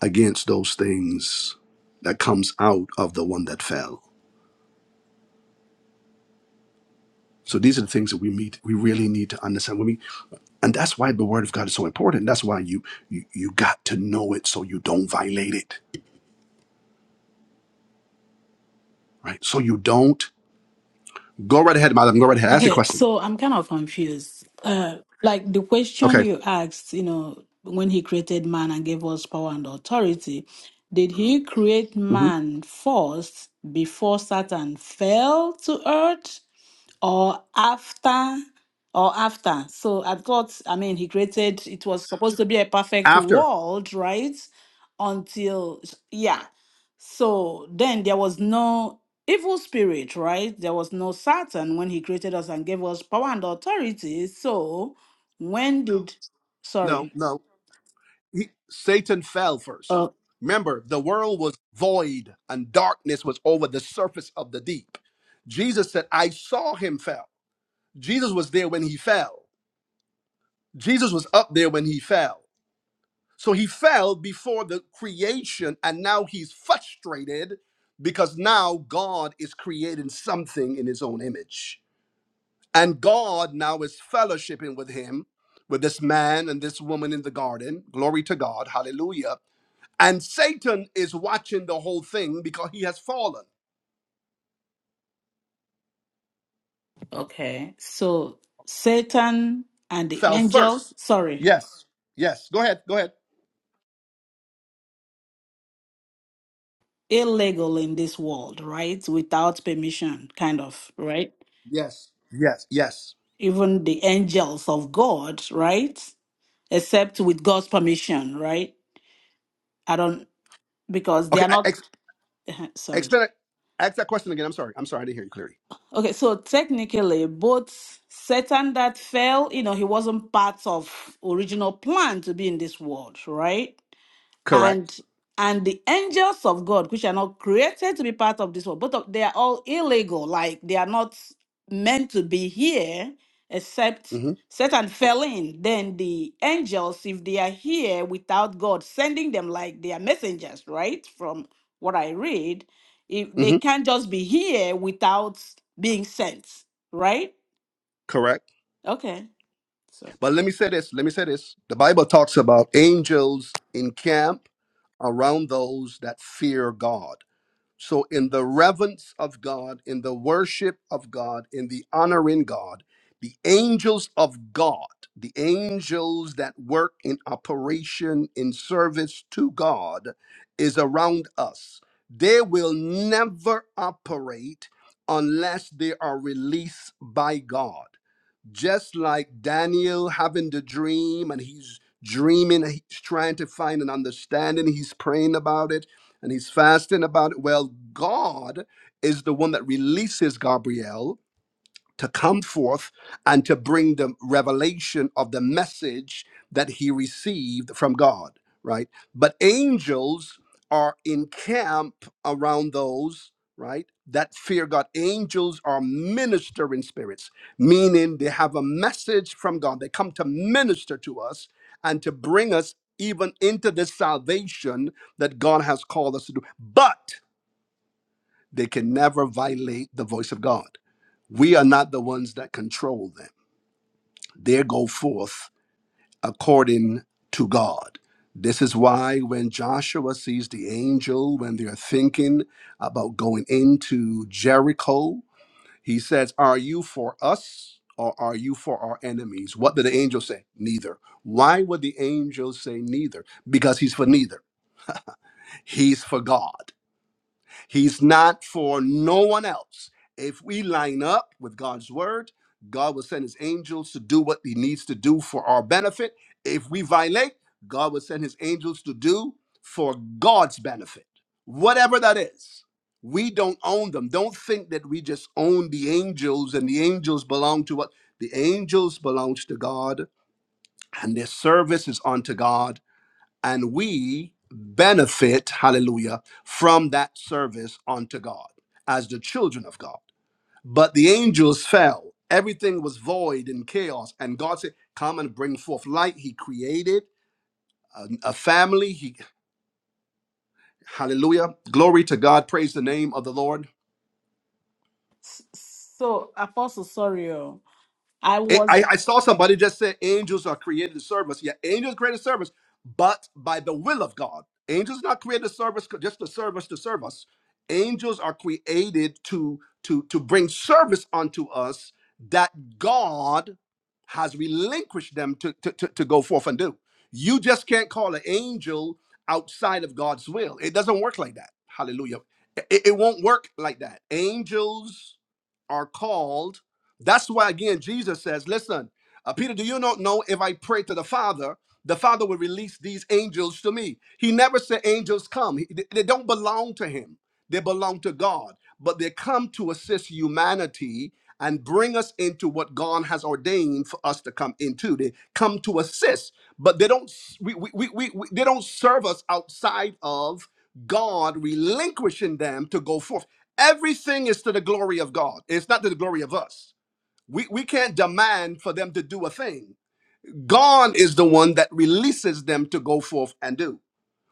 Speaker 1: Against those things that comes out of the one that fell. So these are the things that we meet we really need to understand. When we and that's why the word of God is so important. That's why you you, you got to know it so you don't violate it. Right? So you don't go right ahead, madam. Go right ahead. Ask your
Speaker 4: Okay,
Speaker 1: question.
Speaker 4: so I'm kind of confused. Uh, like the question
Speaker 1: Okay.
Speaker 4: you asked, you know, when he created man and gave us power and authority, did he create
Speaker 1: Mm-hmm.
Speaker 4: man first before Satan fell to earth? or after or after so i thought i mean he created it was supposed to be a perfect
Speaker 1: After.
Speaker 4: world right until yeah so then there was no evil spirit right there was no satan when he created us and gave us power and authority so when did
Speaker 1: No,
Speaker 4: sorry
Speaker 1: no. He, Satan fell first.
Speaker 4: oh
Speaker 1: Remember, the world was void and darkness was over the surface of the deep. Jesus said, I saw him fell. Jesus was there when he fell. Jesus was up there when he fell. So he fell before the creation and now he's frustrated because now God is creating something in his own image. And God now is fellowshipping with him, with this man and this woman in the garden. Glory to God. Hallelujah. And Satan is watching the whole thing because he has fallen,
Speaker 4: okay so satan and the
Speaker 1: fell first.
Speaker 4: angels sorry
Speaker 1: Yes. Yes. Go ahead. Go ahead.
Speaker 4: illegal in this world right without permission kind of right
Speaker 1: Yes. Yes. Yes.
Speaker 4: even the angels of God, right? Except with God's permission, right? I don't, because they
Speaker 1: Okay.
Speaker 4: are
Speaker 1: I-
Speaker 4: not,
Speaker 1: Ex-
Speaker 4: sorry.
Speaker 1: explain Ask that question again. I'm sorry. I'm sorry. I didn't hear you clearly.
Speaker 4: Okay, so technically, both Satan that fell, you know, he wasn't part of original plan to be in this world, right?
Speaker 1: Correct.
Speaker 4: and and the angels of God, which are not created to be part of this world, but of- they are all illegal. Like they are not meant to be here, except
Speaker 1: hmm
Speaker 4: Satan fell in. Then the angels, if they are here without God sending them, like they are messengers, right? From what I read, if they
Speaker 1: hmm
Speaker 4: can't just be here without being sent, right?
Speaker 1: Correct.
Speaker 4: Okay. So,
Speaker 1: But let me say this. Let me say this. The Bible talks about angels encamp around those that fear God. So, in the reverence of God, in the worship of God, in the honor in God, the angels of God, the angels that work in operation in service to God, is around us. They will never operate unless they are released by God just like Daniel having the dream and he's dreaming, he's trying to find an understanding, he's praying about it and he's fasting about it. Well, God is the one that releases Gabriel to come forth and to bring the revelation of the message that he received from God, right? But angels are in camp around those, right, that fear God. Angels are ministering spirits, meaning they have a message from God. They come to minister to us and to bring us even into this salvation that God has called us to do. But they can never violate the voice of God we are not the ones that control them. They go forth according to God. This is why when Joshua sees the angel, when they're thinking about going into Jericho, he says, Are you for us or are you for our enemies? What did the angel say? Neither. Why would the angel say neither? Because he's for neither, he's for God. He's not for no one else. If we line up with God's word, God will send his angels to do what he needs to do for our benefit. If we violate, God will send his angels to do for God's benefit. Whatever that is, we don't own them. Don't think that we just own the angels and the angels belong to what? The angels belongs to God and their service is unto God and we benefit, hallelujah, from that service unto God as the children of God. But the angels fell. Everything was void and chaos. And God said, Come and bring forth light. He created a, a family. He, hallelujah. Glory to God. Praise the name of the Lord.
Speaker 4: so Apostle, sorry, oh. I
Speaker 1: A-
Speaker 4: was
Speaker 1: I, I saw somebody just say angels are created to serve us. Yeah, angels created to serve us, but by the will of God. Angels not created to serve us c- just to serve us to serve us. Angels are created to to to bring service unto us that God has relinquished them to to, to, to go forth and do. You just can't call an angel outside of God's will. It doesn't work like that. Hallelujah. It, it it won't work like that. Angels are called that's why, again, Jesus says, Listen, uh, Peter, do you not know if I pray to the Father, the Father will release these angels to me? He never said angels come, He- they they don't belong to him, they belong to God, but they come to assist humanity and bring us into what God has ordained for us to come into. They come to assist, but they don't s- we, we, we, we, we- they don't serve us outside of God relinquishing them to go forth. Everything is to the glory of God. It's not to the glory of us. We, we can't demand for them to do a thing. God is the one that releases them to go forth and do.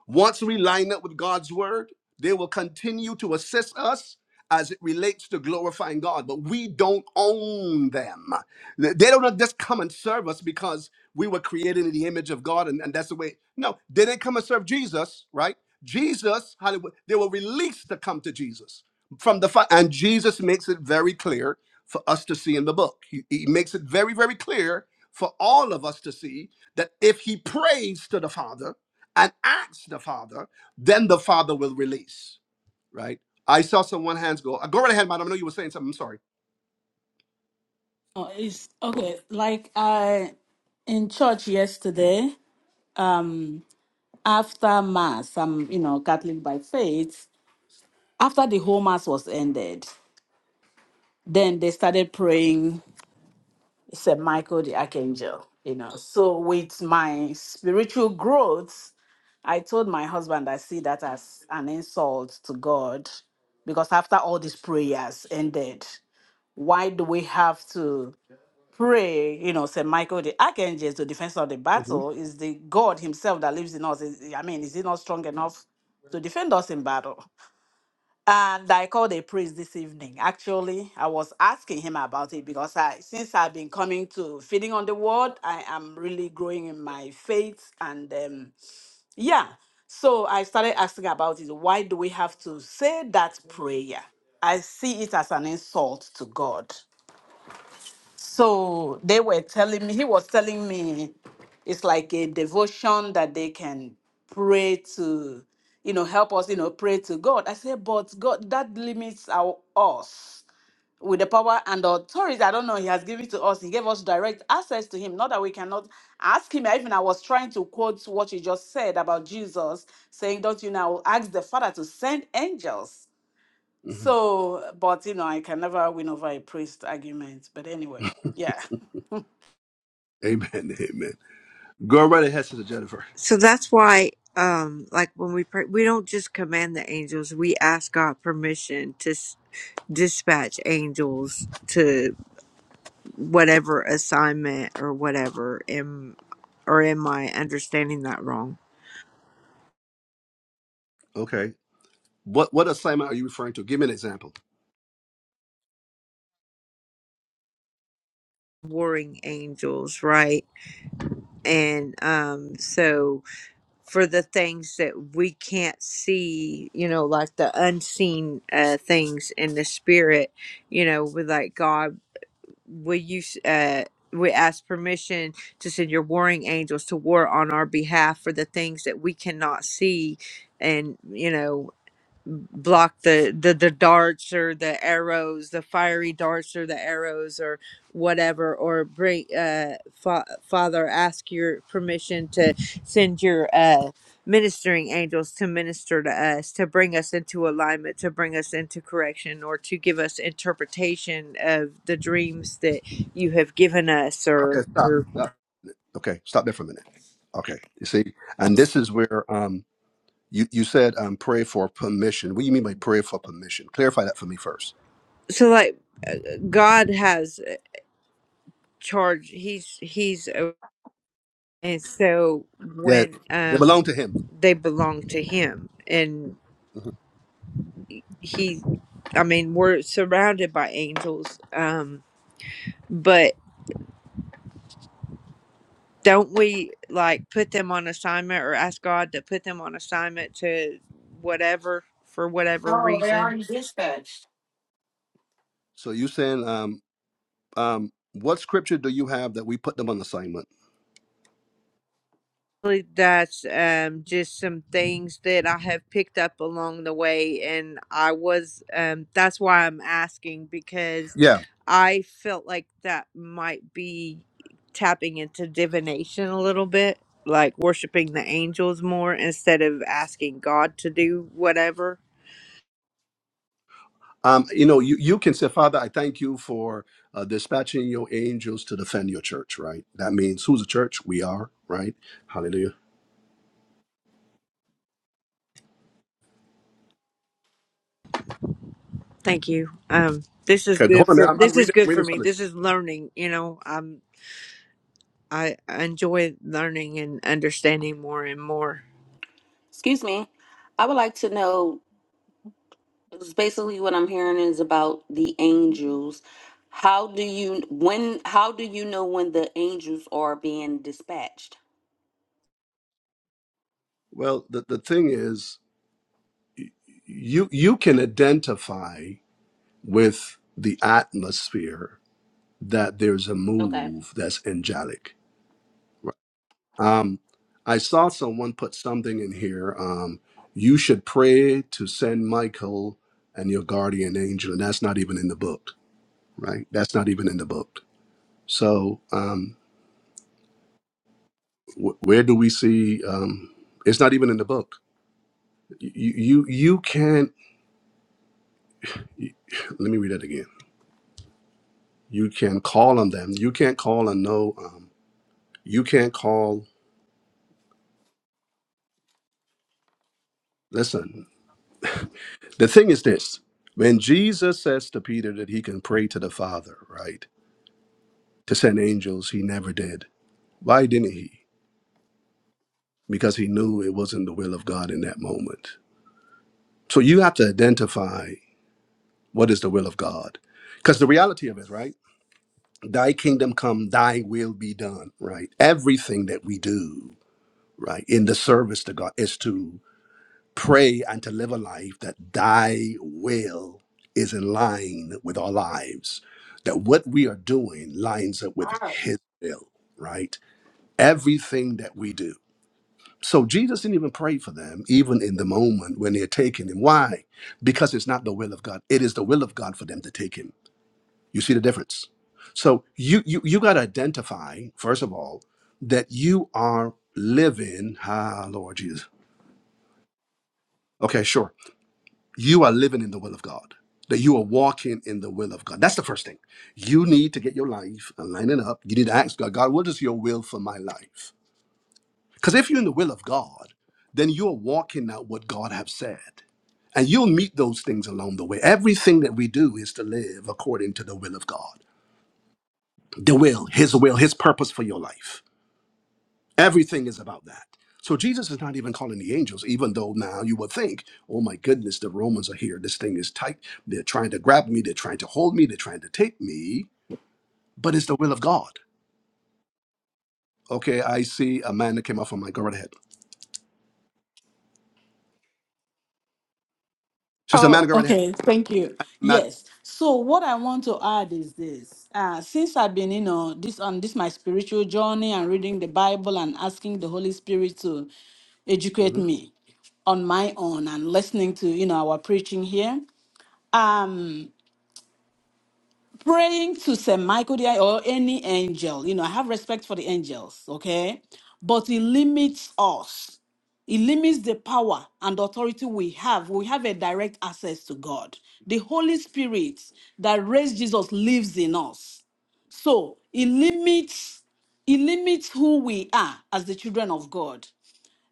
Speaker 1: Once we line up with God's word, they will continue to assist us as it relates to glorifying God, but we don't own them. They they don't just come and serve us because we were created in the image of God and, and that's the way. No, they didn't come and serve Jesus, right? Jesus, how they were they were released to come to Jesus from the fi- and Jesus makes it very clear for us to see in the book. He, he makes it very, very clear for all of us to see that if he prays to the Father, and ask the Father, then the Father will release, right? I saw someone hands go. Go right ahead, madam. I know you were saying something. I'm sorry.
Speaker 4: Oh, it's okay. Like I in church yesterday, um, after mass, I'm you know Catholic by faith. After the whole mass was ended, then they started praying Saint Michael the Archangel. You know, so with my spiritual growth, I told my husband I see that as an insult to God because after all these prayers ended, why do we have to? pray, you know, St. Michael the Archangel is the defense of the
Speaker 1: hmm
Speaker 4: battle, is the God himself that lives in us. Is, I mean, is he not strong enough to defend us in battle? And I called a priest this evening. Actually, I was asking him about it because I, since I've been coming to feeding on the word, I am really growing in my faith. And um, yeah, so I started asking about it. Why do we have to say that prayer? I see it as an insult to God. So they were telling me, he was telling me it's like a devotion that they can pray to, you know, help us, you know, pray to God. I said, but God, that limits our us with the power and authority. I don't know, he has given to us. He gave us direct access to him. Not that we cannot ask him. Even I was trying to quote what you just said about Jesus saying, Don't you now ask the Father to send angels?
Speaker 1: hmm
Speaker 4: So, but you know, I can never win over a priest argument. But anyway, yeah.
Speaker 1: Amen. Amen. Go right ahead, Sister Jennifer.
Speaker 9: So that's why, um, like when we pray, we don't just command the angels. We ask God permission to s- dispatch angels to whatever assignment or whatever. Am or am I understanding that wrong?
Speaker 1: Okay. What what assignment are you referring to? Give me an example.
Speaker 9: Warring angels, right? And um, so for the things that we can't see, you know, like the unseen uh, things in the spirit, you know, with like God. will you uh we ask permission to send your warring angels to war on our behalf for the things that we cannot see and you know block the, the the darts or the arrows the fiery darts or the arrows or whatever or bring uh fa- father ask your permission to send your uh ministering angels to minister to us to bring us into alignment to bring us into correction or to give us interpretation of the dreams that you have given us or
Speaker 1: Okay, stop.
Speaker 9: or
Speaker 1: stop. Okay, stop there for a minute. Okay. You see, and this is where um You you said um, pray for permission. What do you mean by pray for permission? Clarify that for me first.
Speaker 9: so like god has uh, charge he's he's uh, And so
Speaker 1: Yeah,
Speaker 9: when
Speaker 1: they
Speaker 9: um
Speaker 1: belong to Him.
Speaker 9: they belong to him and
Speaker 1: Mhm.
Speaker 9: he I mean we're surrounded by angels um but don't we like put them on assignment or ask God to put them on assignment to whatever for whatever reason?
Speaker 1: So you saying um um what scripture do you have that we put them on assignment?
Speaker 9: really that's um, just some things that I have picked up along the way, and I was um, that's why I'm asking because
Speaker 1: Yeah.
Speaker 9: I felt like that might be tapping into divination a little bit, like worshiping the angels more instead of asking God to do whatever.
Speaker 1: Um, you know, you, you can say, Father, I thank you for uh, dispatching your angels to defend your church, right? That means who's a church? We are, right? Hallelujah.
Speaker 9: Thank you. Um, this is
Speaker 1: Okay,
Speaker 9: good
Speaker 1: hold on, man.
Speaker 9: for
Speaker 1: I'm, I'm
Speaker 9: this is
Speaker 1: reading, I'm
Speaker 9: good for
Speaker 1: reading
Speaker 9: me.
Speaker 1: something.
Speaker 9: This is learning. You know, I'm I I enjoy learning and understanding more and more.
Speaker 5: Excuse me. I would like to know It's basically what I'm hearing is about the angels. How do you when how do you know when the angels are being dispatched?
Speaker 1: Well, the, the thing is, you you can identify with the atmosphere that there's a
Speaker 5: Okay.
Speaker 1: move that's angelic. Um, I saw someone put something in here. Um, you should pray to send Michael and your guardian angel, and that's not even in the book, right? That's not even in the book. So um, wh- where do we see? Um, it's not even in the book. You you you can't. Let me read that again. You can call on them. You can't call on no. Um, you can't call. Listen. The thing is this when Jesus says to Peter that he can pray to the Father, right, to send angels, he never did. Why didn't he? Because he knew it wasn't the will of God in that moment. So you have to identify what is the will of God. Because the reality of it, right? Thy kingdom come, thy will be done, right? Everything that we do, right, in the service to God is to pray and to live a life that thy will is in line with our lives, that what we are doing lines up with his will, right? Everything that we do. So Jesus didn't even pray for them, even in the moment when they're taking him. Why? Because it's not the will of God. It is the will of God for them to take him. You see the difference? So you you you gotta identify, first of all, that you are living, ah Lord Jesus. Okay, sure you are living in the will of God, that you are walking in the will of God. That's the first thing. You need to get your life and line it up. You need to ask God, God, what is your will for my life? Because if you're in the will of God, then you're walking out what God has said. And you'll meet those things along the way. Everything that we do is to live according to the will of God, the will, His will, His purpose for your life. Everything is about that. So Jesus is not even calling the angels, even though now you would think, oh my goodness, the Romans are here. This thing is tight. They're trying to grab me. They're trying to hold me. They're trying to take me. But it's the will of God. Okay, I see a man that came off of my. Go right ahead. Sister Amanda,
Speaker 4: Oh,
Speaker 1: go right ahead.
Speaker 4: okay. Thank you.
Speaker 1: Madam.
Speaker 4: Yes. So what I want to add is this. Uh, since I've been, you know, this on this my spiritual journey and reading the Bible and asking the Holy Spirit to
Speaker 1: hmm
Speaker 4: educate me on my own and listening to, you know, our preaching here. Um, praying to St. Michael the- or any angel. You know, I have respect for the angels, okay? But it limits us. It limits the power and authority we have. We have a direct access to God. The Holy Spirit that raised Jesus lives in us. So it limits it limits who we are as the children of God.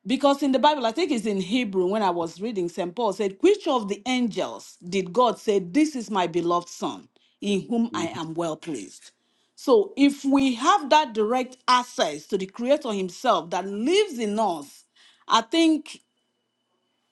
Speaker 4: Because in the Bible, I think it's in Hebrew when I was reading, St. Paul said, Which of the angels did God say, This is my beloved son, in whom
Speaker 1: hmm
Speaker 4: I am well pleased? So if we have that direct access to the Creator Himself that lives in us, I think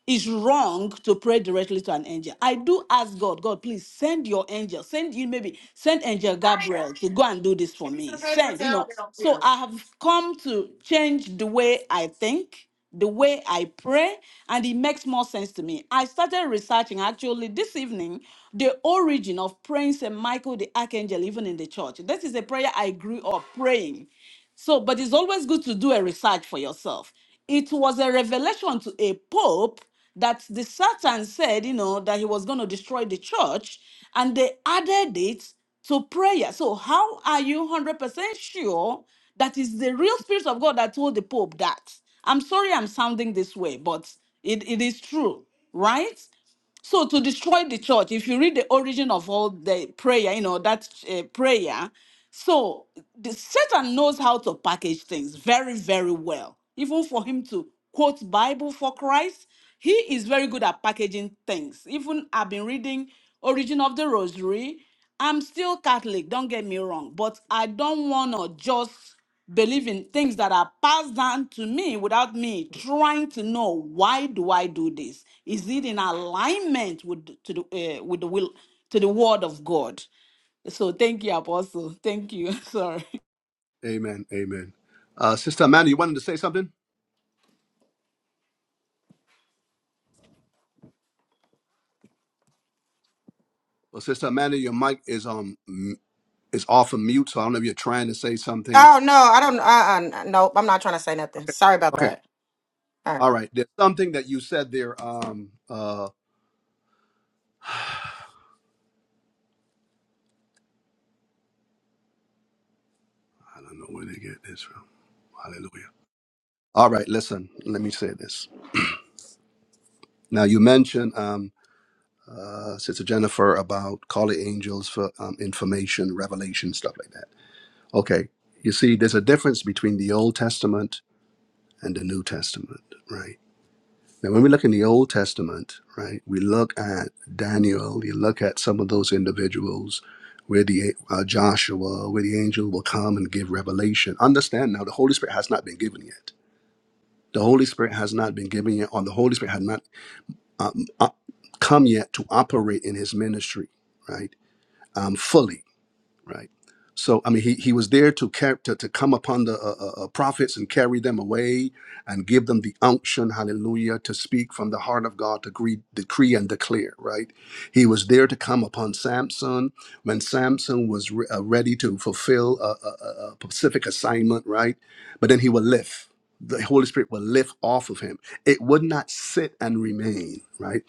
Speaker 4: it's wrong to pray directly to an angel. I do ask God, God, please send your angel, send you maybe send angel Gabriel to go and do this for me. Send, you know. So I have come to change the way I think, the way I pray, and it makes more sense to me. I started researching actually this evening the origin of praying St. Michael the Archangel, even in the church. This is a prayer I grew up praying. So, but it's always good to do a research for yourself. It was a revelation to a pope that the Satan said, you know, that he was going to destroy the church, and they added it to prayer. So, how are you 100% sure that is the real Spirit of God that told the Pope that? I'm sorry I'm sounding this way, but it, it is true, right? So to destroy the church, if you read the origin of all the prayer, you know that uh, prayer. So the Satan knows how to package things very, very well. Even for him to quote Bible for Christ, he is very good at packaging things. Even I've been reading Origin of the Rosary. I'm still Catholic, don't get me wrong, but I don't want to just believe in things that are passed down to me without me trying to know why do I do this? Is it in alignment with the- to the uh, with the will to the word of God? So thank you, Apostle. Thank you. Sorry.
Speaker 1: Amen. Amen. Uh, Sister Amanda, you wanted to say something? Well, Sister Amanda, your mic is on. is off of mute, so I don't know if you're trying to say something.
Speaker 6: Oh no, I don't. Uh, uh, nope. I'm not trying to say nothing. Sorry about
Speaker 1: Okay,
Speaker 6: that. All
Speaker 1: all
Speaker 6: right.
Speaker 1: right. There's something that you said there. Um, uh, I don't know where they get this from. Hallelujah. All right, listen. Let me say this. Now you mentioned, um, uh, Sister Jennifer, about calling angels for um, information, revelation, stuff like that. Okay, you see, there's a difference between the Old Testament and the New Testament, right? Now, when we look in the Old Testament, right, we look at Daniel, you look at some of those individuals where the uh, Joshua, where the angel will come and give revelation. Understand now, the Holy Spirit has not been given yet. The Holy Spirit has not been given yet, or the Holy Spirit has not um, uh, come yet to operate in his ministry, right, um, fully right? So I mean, he, he was there to, car- to to come upon the uh, uh, uh, prophets and carry them away and give them the unction, hallelujah, to speak from the heart of God to decree, decree and declare, right? He was there to come upon Samson when Samson was re- uh, ready to fulfill a, a, a a specific assignment, right? But then he will lift. The Holy Spirit will lift off of him. It would not sit and remain, right?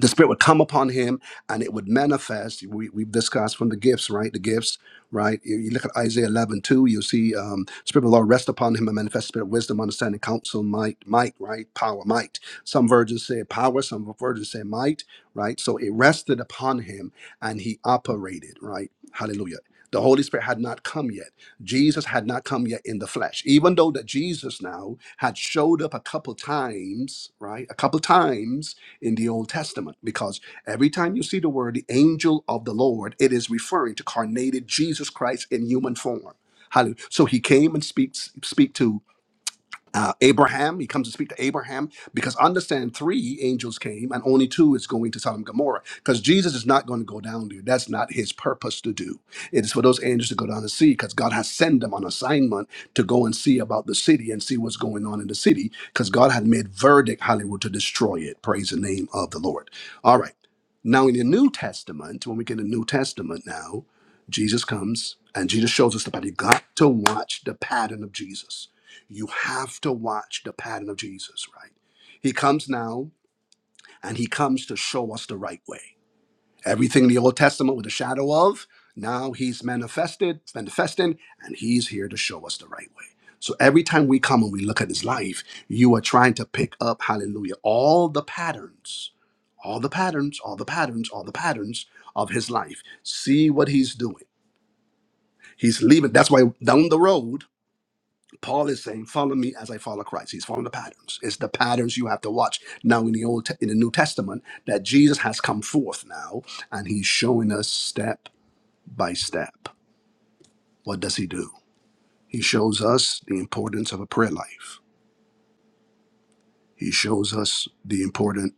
Speaker 1: the spirit would come upon him and it would manifest we, we've discussed from the gifts right the gifts right you, you look at isaiah eleven two; 2 you see um, spirit of the lord rest upon him and manifest spirit of wisdom understanding counsel might might right power might some versions say power some versions say might right so it rested upon him and he operated right hallelujah the holy spirit had not come yet jesus had not come yet in the flesh even though that jesus now had showed up a couple times right a couple times in the Old Testament because every time you see the word the angel of the Lord, it is referring to carnated Jesus Christ in human form. Hallelujah. So he came and speaks speak to uh, Abraham. He comes to speak to Abraham because understand three angels came and only two is going to Sodom and Gomorrah because Jesus is not going to go down there. That's not his purpose to do. It is for those angels to go down and see because God has sent them on assignment to go and see about the city and see what's going on in the city because God had made verdict Hollywood to destroy it. Praise the name of the Lord. All right. Now in the New Testament, when we get the New Testament now, Jesus comes and Jesus shows us that we got to watch the pattern of Jesus you have to watch the pattern of Jesus, right? He comes now and he comes to show us the right way. Everything in the Old Testament with a shadow of, now he's manifested, manifesting, and he's here to show us the right way. So every time we come and we look at his life, you are trying to pick up, hallelujah, all the patterns, all the patterns, all the patterns, all the patterns of his life. See what he's doing. He's leaving. That's why down the road, Paul is saying, "Follow me as I follow Christ." He's following the patterns. It's the patterns you have to watch now in the old, Te- in the New Testament, that Jesus has come forth now, and he's showing us step by step. What does he do? He shows us the importance of a prayer life. He shows us the importance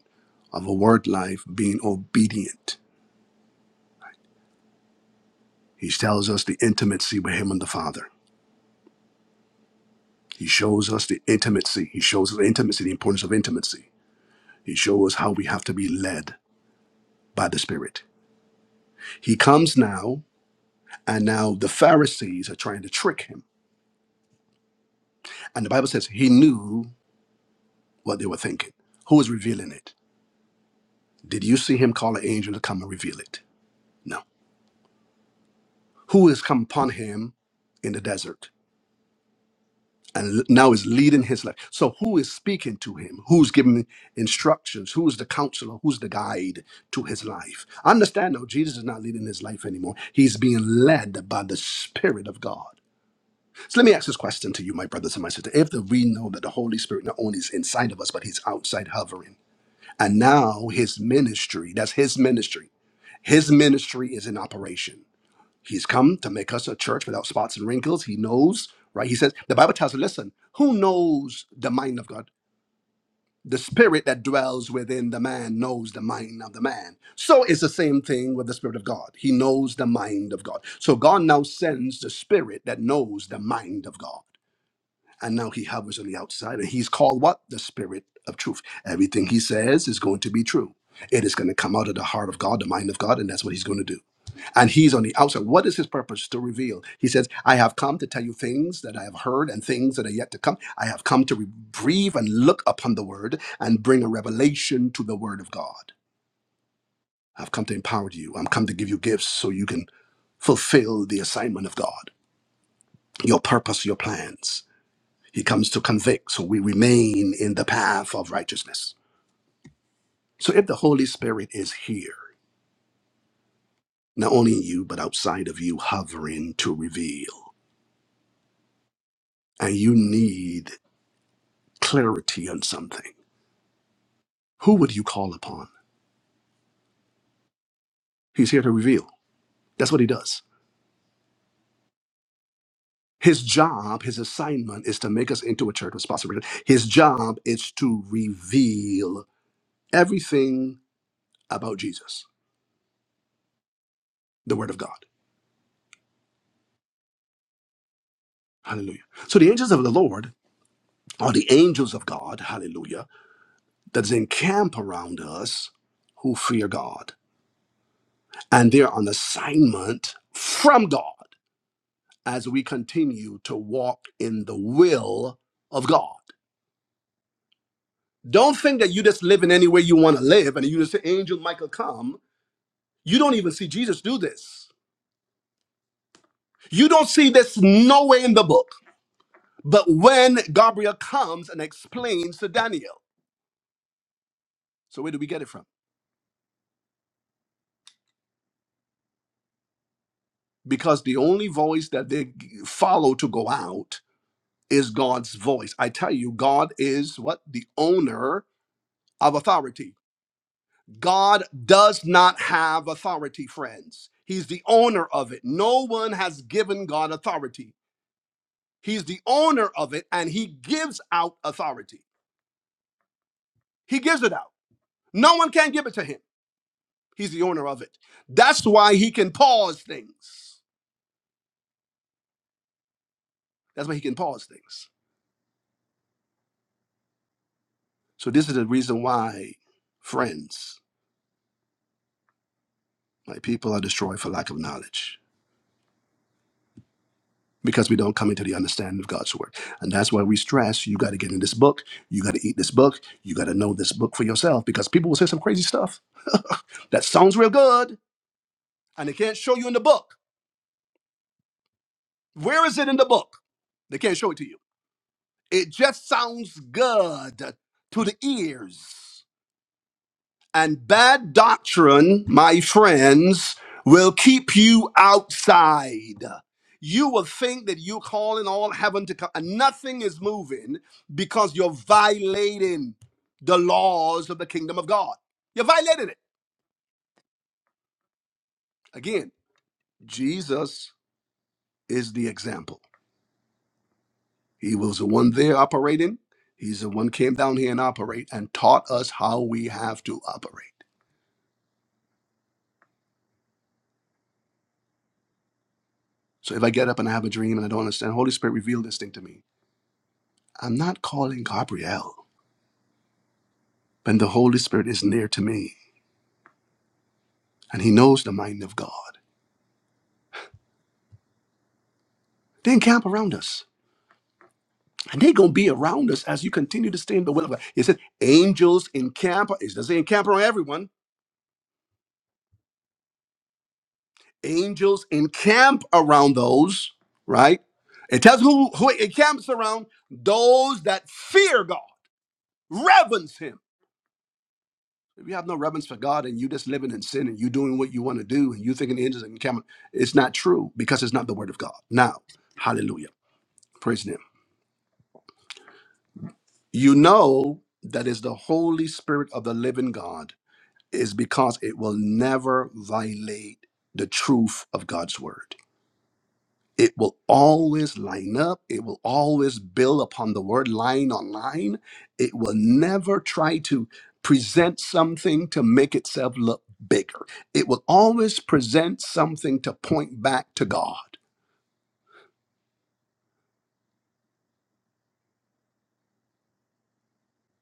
Speaker 1: of a word life, being obedient. He tells us the intimacy with him and the Father. He shows us the intimacy. He shows us the intimacy, the importance of intimacy. He shows us how we have to be led by the Spirit. He comes now, and now the Pharisees are trying to trick him. And the Bible says he knew what they were thinking. Who is revealing it? Did you see him call an angel to come and reveal it? No. Who has come upon him in the desert and l- now is leading his life? So, who is speaking to him? Who's giving instructions? Who's the counselor? Who's the guide to his life? Understand now, Jesus is not leading his life anymore. He's being led by the Spirit of God. So let me ask this question to you, my brothers and my sisters. If the, we know that the Holy Spirit not only is inside of us, but he's outside hovering, and now his ministry, that's his ministry, his ministry is in operation. He's come to make us a church without spots and wrinkles. He knows, right? He says, the Bible tells us, listen, who knows the mind of God? The spirit that dwells within the man knows the mind of the man. So it's the same thing with the spirit of God. He knows the mind of God. So God now sends the spirit that knows the mind of God and now he hovers on the outside and he's called what the spirit of truth everything he says is going to be true it is going to come out of the heart of god the mind of god and that's what he's going to do and he's on the outside what is his purpose to reveal he says i have come to tell you things that i have heard and things that are yet to come i have come to re- breathe and look upon the word and bring a revelation to the word of god i've come to empower you i'm come to give you gifts so you can fulfill the assignment of god your purpose your plans He comes to convict, so we remain in the path of righteousness. So if the Holy Spirit is here, not only in you, but outside of you, hovering to reveal, and you need clarity on something, who would you call upon? He's here to reveal. That's what he does. His job, his assignment is to make us into a church with spots and wrinkles. His job is to reveal everything about Jesus, the Word of God. Hallelujah. So the angels of the Lord are the angels of God, hallelujah that's in camp around us who fear God. And they're on assignment from God as we continue to walk in the will of God. Don't think that you just live in any way you want to live and you just say, Angel Michael, come. You don't even see Jesus do this. You don't see this nowhere in the book. But when Gabriel comes and explains to Daniel, so where do we get it from? Because the only voice that they follow to go out is God's voice. I tell you, God is what? The owner of authority. God does not have authority, friends. He's the owner of it. No one has given God authority. He's the owner of it and he gives out authority. He gives it out. No one can give it to him. He's the owner of it. That's why he can pause things. That's why he can pause things. So, this is the reason why, friends, my people are destroyed for lack of knowledge because we don't come into the understanding of God's word. And that's why we stress you got to get in this book, you got to eat this book, you got to know this book for yourself because people will say some crazy stuff that sounds real good and they can't show you in the book. Where is it in the book? They can't show it to you. It just sounds good to the ears. And bad doctrine, my friends, will keep you outside. You will think that you're calling all heaven to come, and nothing is moving because you're violating the laws of the kingdom of God. You violated it. Again, Jesus is the example. He was the one there operating. He's the one came down here and operate and taught us how we have to operate. So if I get up and I have a dream and I don't understand, Holy Spirit reveal this thing to me I'm not calling Gabriel when the Holy Spirit is near to me and he knows the mind of God. They encamp around us. And they're going to be around us as you continue to stay in the will of God. He said, angels encamp. It doesn't say encamp around everyone. Angels encamp around those, right? It tells who, who it encamps around those that fear God, reverence him. If you have no reverence for God and you just living in sin and you doing what you want to do and you thinking the angels are coming, it's not true because it's not the word of God. Now, hallelujah. Praise him. You know that is the Holy Spirit of the living God is because it will never violate the truth of God's word. it will always line up. It will always build upon the word line on line. It will never try to present something to make itself look bigger. It will always present something to point back to God.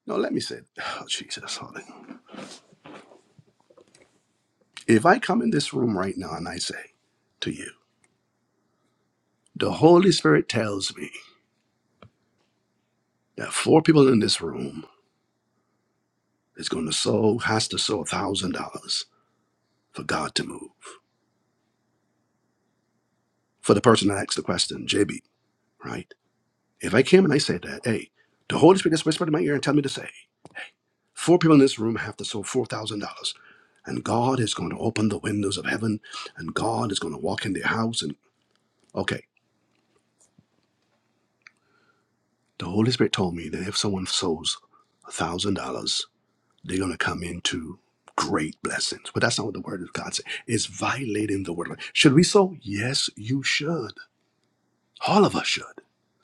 Speaker 1: No, let me say, oh, Jesus, hold it. if I come in this room right now and I say to you, the Holy Spirit tells me that four people in this room is going to sow, has to sow $1,000 for God to move. For the person that asked the question, JB, right? If I came and I said that, hey, the Holy Spirit just whispered in my ear and tell me to say, four people in this room have to sow four thousand dollars, and God is going to open the windows of heaven, and God is going to walk in their house, and okay, the Holy Spirit told me that if someone sows one thousand dollars, they're going to come into great blessings. But that's not what the Word of God says. It's violating the Word. of God. Should we sow? Yes, you should. All of us should,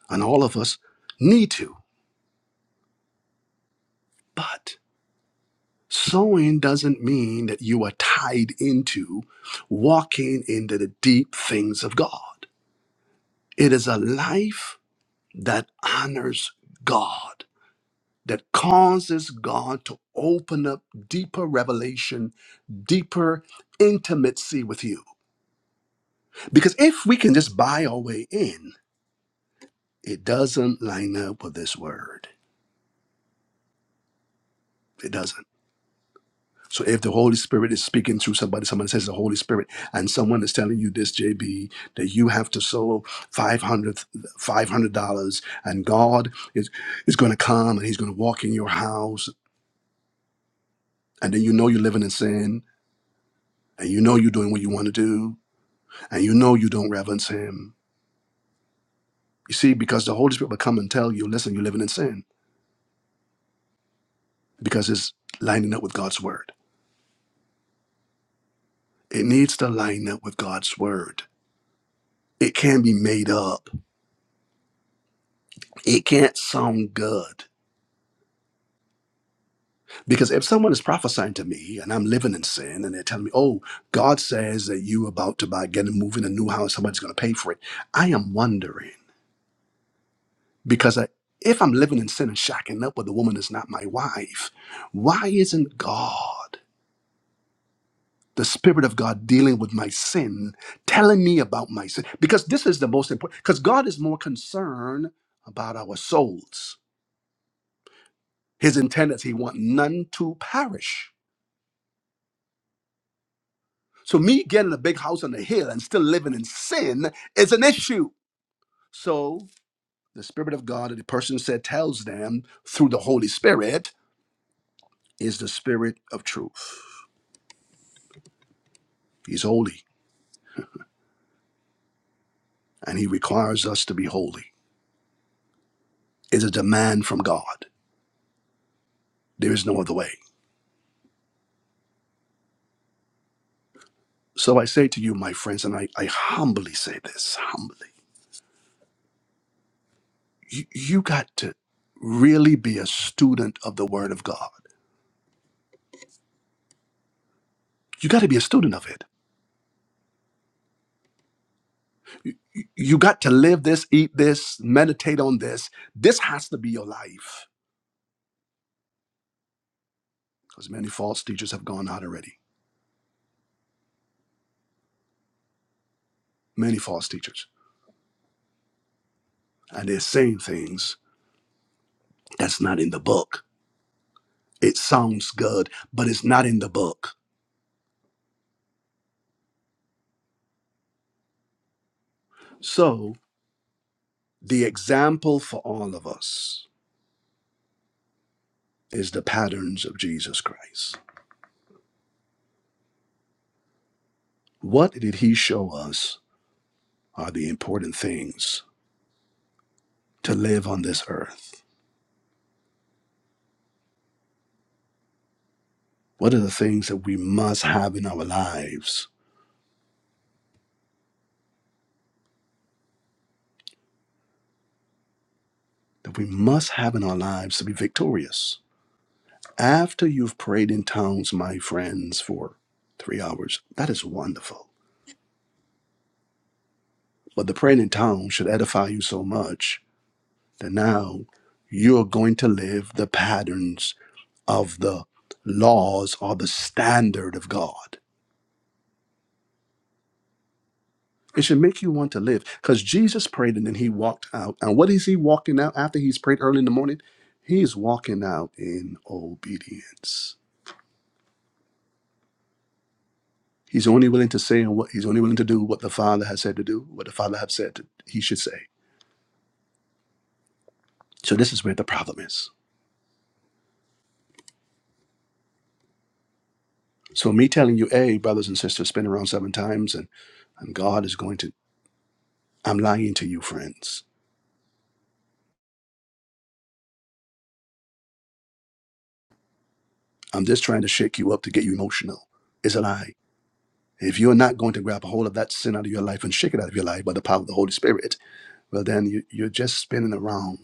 Speaker 1: and all of us need to. But. Sowing doesn't mean that you are tied into walking into the deep things of God. It is a life that honors God, that causes God to open up deeper revelation, deeper intimacy with you. Because if we can just buy our way in, it doesn't line up with this word. It doesn't. So if the Holy Spirit is speaking through somebody, somebody says the Holy Spirit, and someone is telling you this, JB, that you have to sow 500 dollars, five hundred dollars and God is is going to come and He's going to walk in your house, and then you know you're living in sin, and you know you're doing what you want to do, and you know you don't reverence Him. You see, because the Holy Spirit will come and tell you, listen, you're living in sin, because it's lining up with God's word. It needs to line up with God's word. It can't be made up. It can't sound good Because if someone is prophesying to me and I'm living in sin and they're telling me, oh, God says that you about to buy, get a move in a new house, somebody's going to pay for it, I am wondering because I, if I'm living in sin and shacking up with a woman that's not my wife, why isn't God, the Spirit of God, dealing with my sin, telling me about my sin? Because this is the most important, because God is more concerned about our souls. His intent is he want none to perish So me getting a big house on a hill and still living in sin is an issue. So the Spirit of God, the person said, tells them through the Holy Spirit is the Spirit of truth. He's holy and he requires us to be holy. It's a demand from God. There is no other way. So I say to you, my friends, and I, I humbly say this, humbly, you, you got to really be a student of the Word of God. You got to be a student of it you got to live this, eat this, meditate on this. This has to be your life. Because many false teachers have gone out already. Many false teachers. And they're saying things that's not in the book. It sounds good, but it's not in the book. So the example for all of us is the patterns of Jesus Christ. What did he show us are the important things to live on this earth? What are the things that we must have in our lives that we must have in our lives to be victorious. After you've prayed in tongues, my friends, for three hours, that is wonderful. But the praying in tongues should edify you so much that now you're going to live the patterns of the laws or the standard of God. It should make you want to live because Jesus prayed and then he walked out. And what is he walking out after he's prayed early in the morning? He's walking out in obedience. He's only willing to say and what he's only willing to do what the Father has said to do, what the Father have said to, he should say. So this is where the problem is. So me telling you, hey, brothers and sisters, spin around seven times and, and God is going to I'm lying to you, friends. I'm just trying to shake you up to get you emotional. It's a lie. If you're not going to grab a hold of that sin out of your life and shake it out of your life by the power of the Holy Spirit, well then you, you're just spinning around.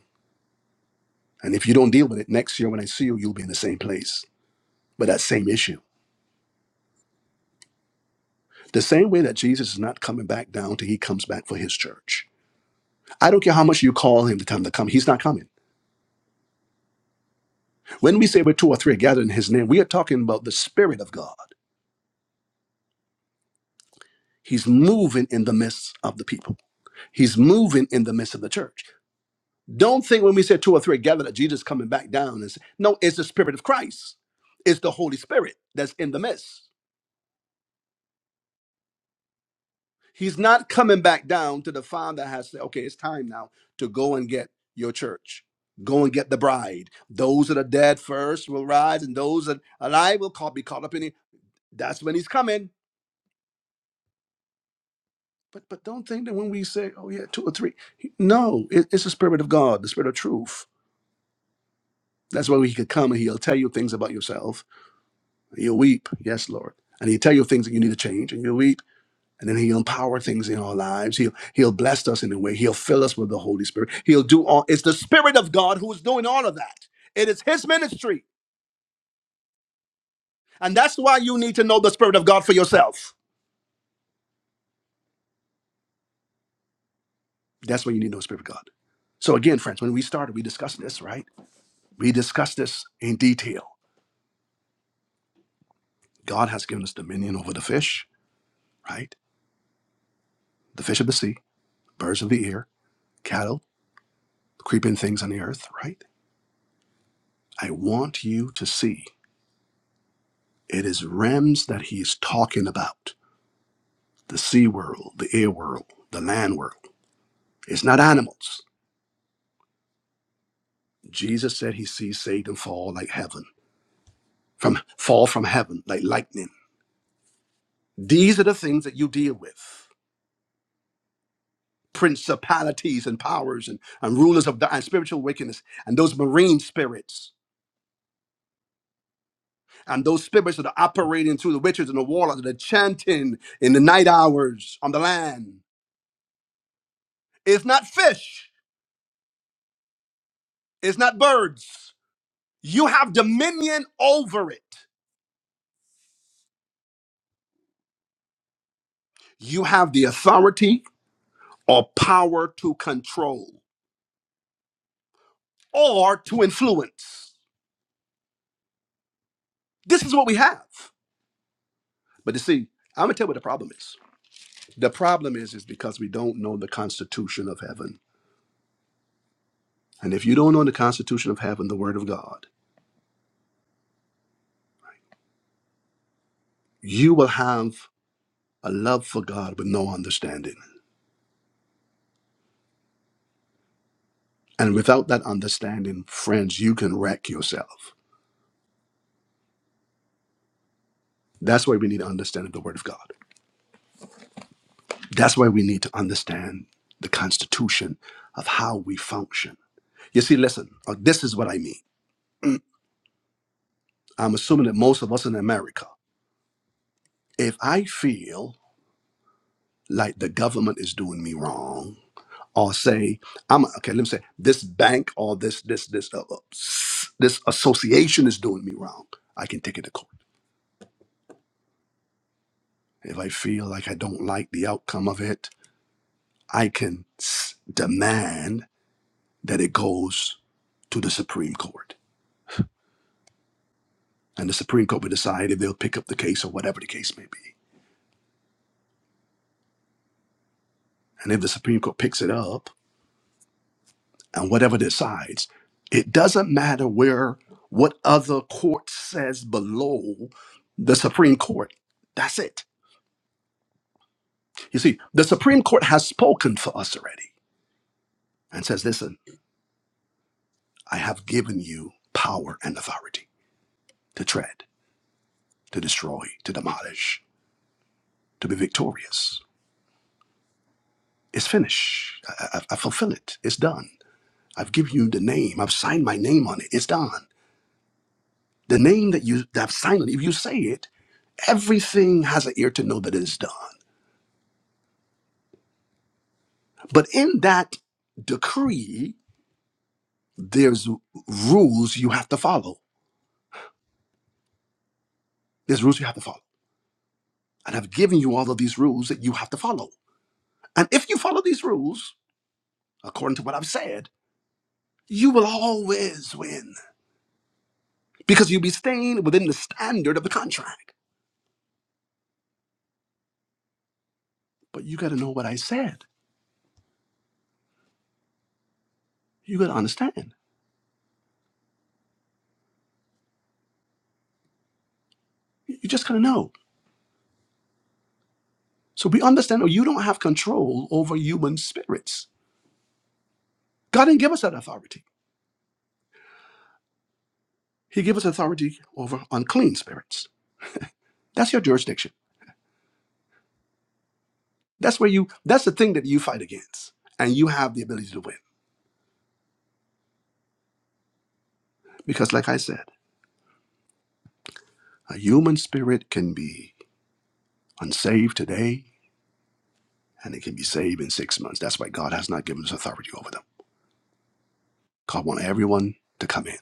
Speaker 1: And if you don't deal with it next year when I see you, you'll be in the same place with that same issue. The same way that Jesus is not coming back down till he comes back for his church. I don't care how much you call him to come to come, he's not coming. When we say we're two or three gathered in his name, we are talking about the Spirit of God. He's moving in the midst of the people. He's moving in the midst of the church. Don't think when we say two or three gathered that Jesus is coming back down and say, no, it's the Spirit of Christ. It's the Holy Spirit that's in the midst. He's not coming back down to the father has said, okay, it's time now to go and get your church. Go and get the bride. Those that are dead first will rise, and those that are alive will call, be caught up in it. That's when he's coming. But but don't think that when we say, oh yeah, two or three, no, it- it's the spirit of God, the spirit of truth. That's why he could come and he'll tell you things about yourself. And You'll weep, yes, Lord, and he'll tell you things that you need to change, and you'll weep And then he'll empower things in our lives. He'll he'll bless us in a way. He'll fill us with the Holy Spirit. He'll do all it's the Spirit of God who is doing all of that. It is his ministry. And that's why you need to know the Spirit of God for yourself. That's why you need to know the Spirit of God. So again, friends, when we started, we discussed this, right? We discussed this in detail. God has given us dominion over the fish, right? The fish of the sea, birds of the air, cattle, creeping things on the earth, right? I want you to see it is realms that he's talking about the sea world, the air world, the land world. It's not animals. Jesus said he sees Satan fall like heaven, from fall from heaven like lightning. These are the things that you deal with. Principalities and powers and, and rulers of the and spiritual wickedness and those marine spirits and those spirits that are operating through the witches and the warlocks that are chanting in the night hours on the land. It's not fish. It's not birds. You have dominion over it. You have the authority or power to control or to influence. This is what we have. But you see, I'm gonna tell you what the problem is. The problem is is because we don't know the constitution of heaven. And if you don't know the constitution of heaven, the word of God, you will have a love for God with no understanding. And without that understanding, friends, you can wreck yourself. That's why we need to understand the word of God. That's why we need to understand the constitution of how we function. You see, listen, uh, this is what I mean. I'm assuming that most of us in America, if I feel like the government is doing me wrong, or say I'm okay, let me say this bank or this this this uh, uh, s- this association is doing me wrong, I can take it to court. If I feel like I don't like the outcome of it, I can s- demand that it goes to the Supreme Court, and the Supreme Court will decide if they'll pick up the case or whatever the case may be. And if the Supreme Court picks it up, and whatever decides. It doesn't matter where what other court says below the Supreme Court. That's it. You see, the Supreme Court has spoken for us already and says, listen, I have given you power and authority to tread, to destroy, to demolish, to be victorious. It's finished. I, I, I fulfill it. It's done. I've given you the name. I've signed my name on it. It's done. The name that you that I've signed, it, if you say it, everything has an ear to know that it is done. But in that decree, there's rules you have to follow. There's rules you have to follow. And I've given you all of these rules that you have to follow. And if you follow these rules, according to what I've said, you will always win because you'll be staying within the standard of the contract. But you got to know what I said. You got to understand. You just got to know. So we understand that you don't have control over human spirits. God didn't give us that authority. He gave us authority over unclean spirits. That's your jurisdiction. That's where you that's the thing that you fight against. And you have the ability to win. Because like I said, a human spirit can be unsaved today and it can be saved in six months. That's why God has not given us authority over them. God wants everyone to come in.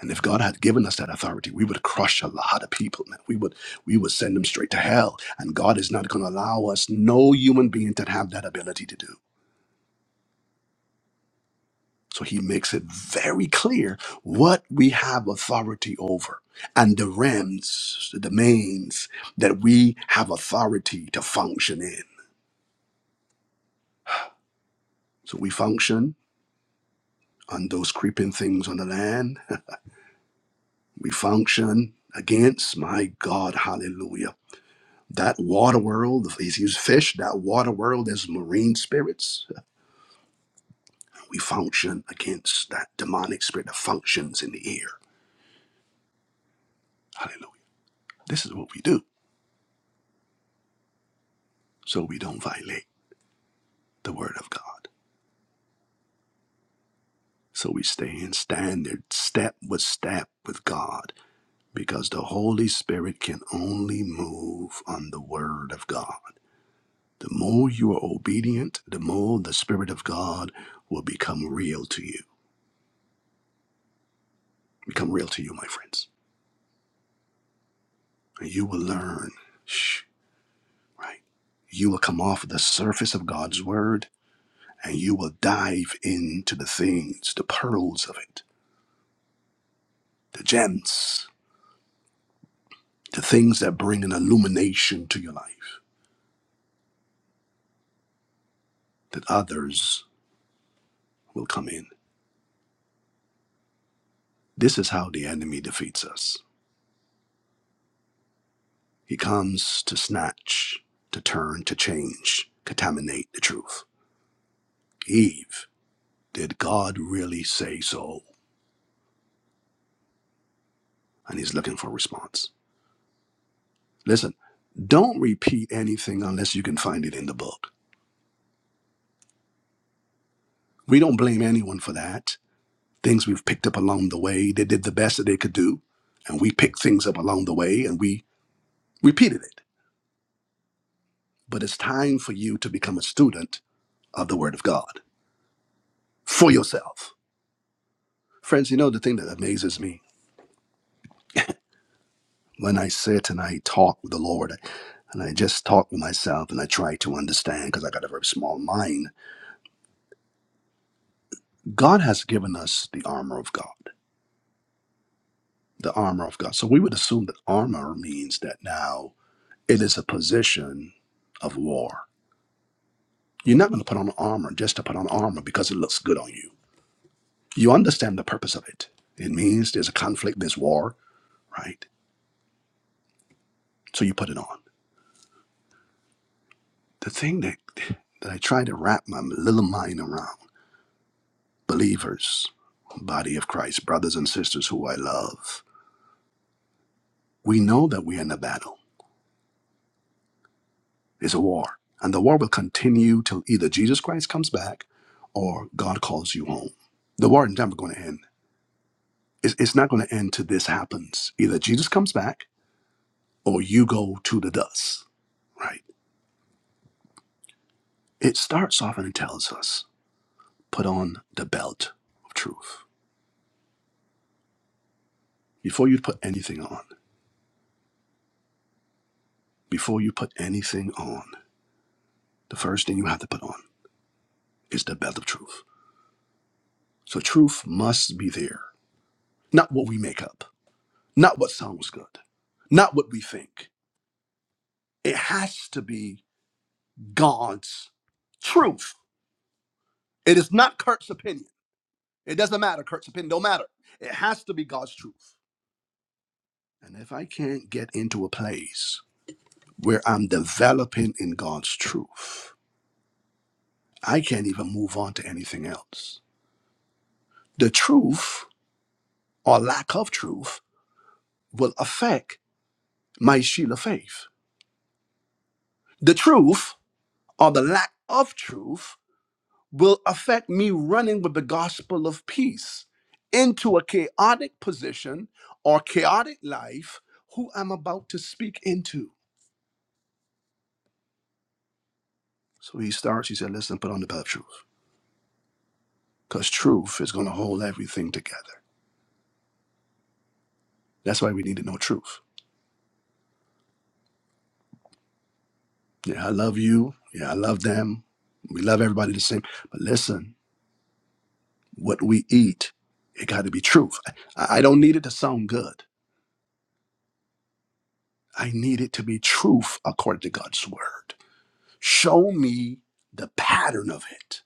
Speaker 1: And if God had given us that authority, we would crush a lot of people, man. We would we would send them straight to hell. And God is not gonna allow us no human being to have that ability to do. So he makes it very clear what we have authority over and the realms, the domains that we have authority to function in. So we function on those creeping things on the land. We function against, my God, hallelujah. That water world, he's used fish, that water world as marine spirits. We function against that demonic spirit that functions in the air. Hallelujah. This is what we do so we don't violate the word of God. So we stay in standard step with step with God because the Holy Spirit can only move on the Word of God. The more you are obedient, the more the Spirit of God will become real to you. Become real to you, my friends. And you will learn, shh, right? You will come off the surface of God's Word and you will dive into the things, the pearls of it, the gems, the things that bring an illumination to your life that others will come in. This is how the enemy defeats us. He comes to snatch, to turn, to change, contaminate the truth. Eve, did God really say so? And he's looking for a response. Listen, don't repeat anything unless you can find it in the book. We don't blame anyone for that. Things we've picked up along the way, they did the best that they could do. And we picked things up along the way and we repeated it. But it's time for you to become a student of the Word of God for yourself Friends, you know, the thing that amazes me when I sit and I talk with the Lord and I just talk with myself and I try to understand because I got a very small mind, God has given us the armor of God. The armor of God. So we would assume that armor means that now it is a position of war. You're not going to put on armor just to put on armor because it looks good on you. You understand the purpose of it. It means there's a conflict, there's war, right? So you put it on. The thing that, that I try to wrap my little mind around believers, body of Christ, brothers and sisters who I love, we know that we're in a battle. It's a war. And the war will continue till either Jesus Christ comes back or God calls you home. The war is never going to end. It's, it's not going to end till this happens. Either Jesus comes back or you go to the dust, right? It starts off and it tells us put on the belt of truth. Before you put anything on, before you put anything on, the first thing you have to put on is the belt of truth So truth must be there, not what we make up, not what sounds good, not what we think. It has to be God's truth. It is not Kurt's opinion. It doesn't matter. Kurt's opinion don't matter. It has to be God's truth. And if I can't get into a place where I'm developing in God's truth, I can't even move on to anything else. The truth or lack of truth will affect my shield of faith. The truth or the lack of truth will affect me running with the gospel of peace into a chaotic position or chaotic life who I'm about to speak into. So he starts, he said, Listen, put on the belt of truth because truth is going to hold everything together. That's why we need to know truth. Yeah, I love you. Yeah, I love them. We love everybody the same. But listen, what we eat, it got to be truth. I, I don't need it to sound good. I need it to be truth according to God's word. Show me the pattern of it.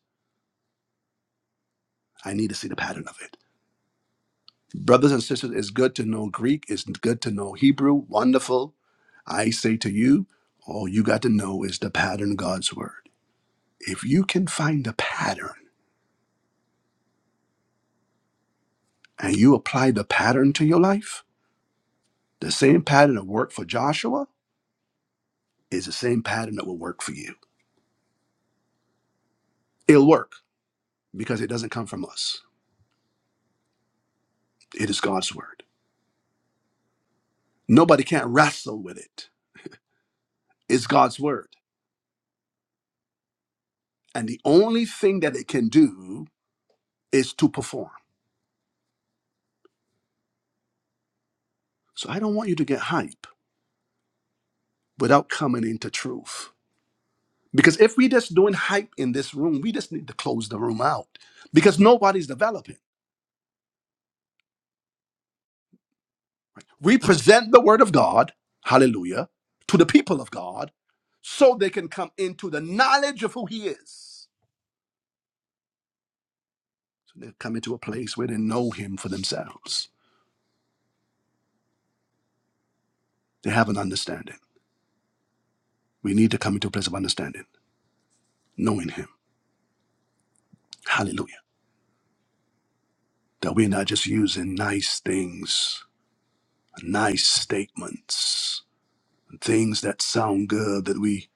Speaker 1: I need to see the pattern of it. Brothers and sisters, it's good to know Greek, it's good to know Hebrew. Wonderful. I say to you, all you got to know is the pattern of God's word. If you can find the pattern and you apply the pattern to your life, the same pattern that worked for Joshua is the same pattern that will work for you. It'll work because it doesn't come from us, it is God's word. Nobody can't wrestle with it. It's God's word. And the only thing that it can do is to perform. So I don't want you to get hype without coming into truth. Because if we just doing hype in this room, we just need to close the room out because nobody's developing. We present the word of God, hallelujah, to the people of God so they can come into the knowledge of who he is. So they come into a place where they know him for themselves. They have an understanding. We need to come into a place of understanding, knowing him. Hallelujah. that we're not just using nice things, nice statements, things that sound good that we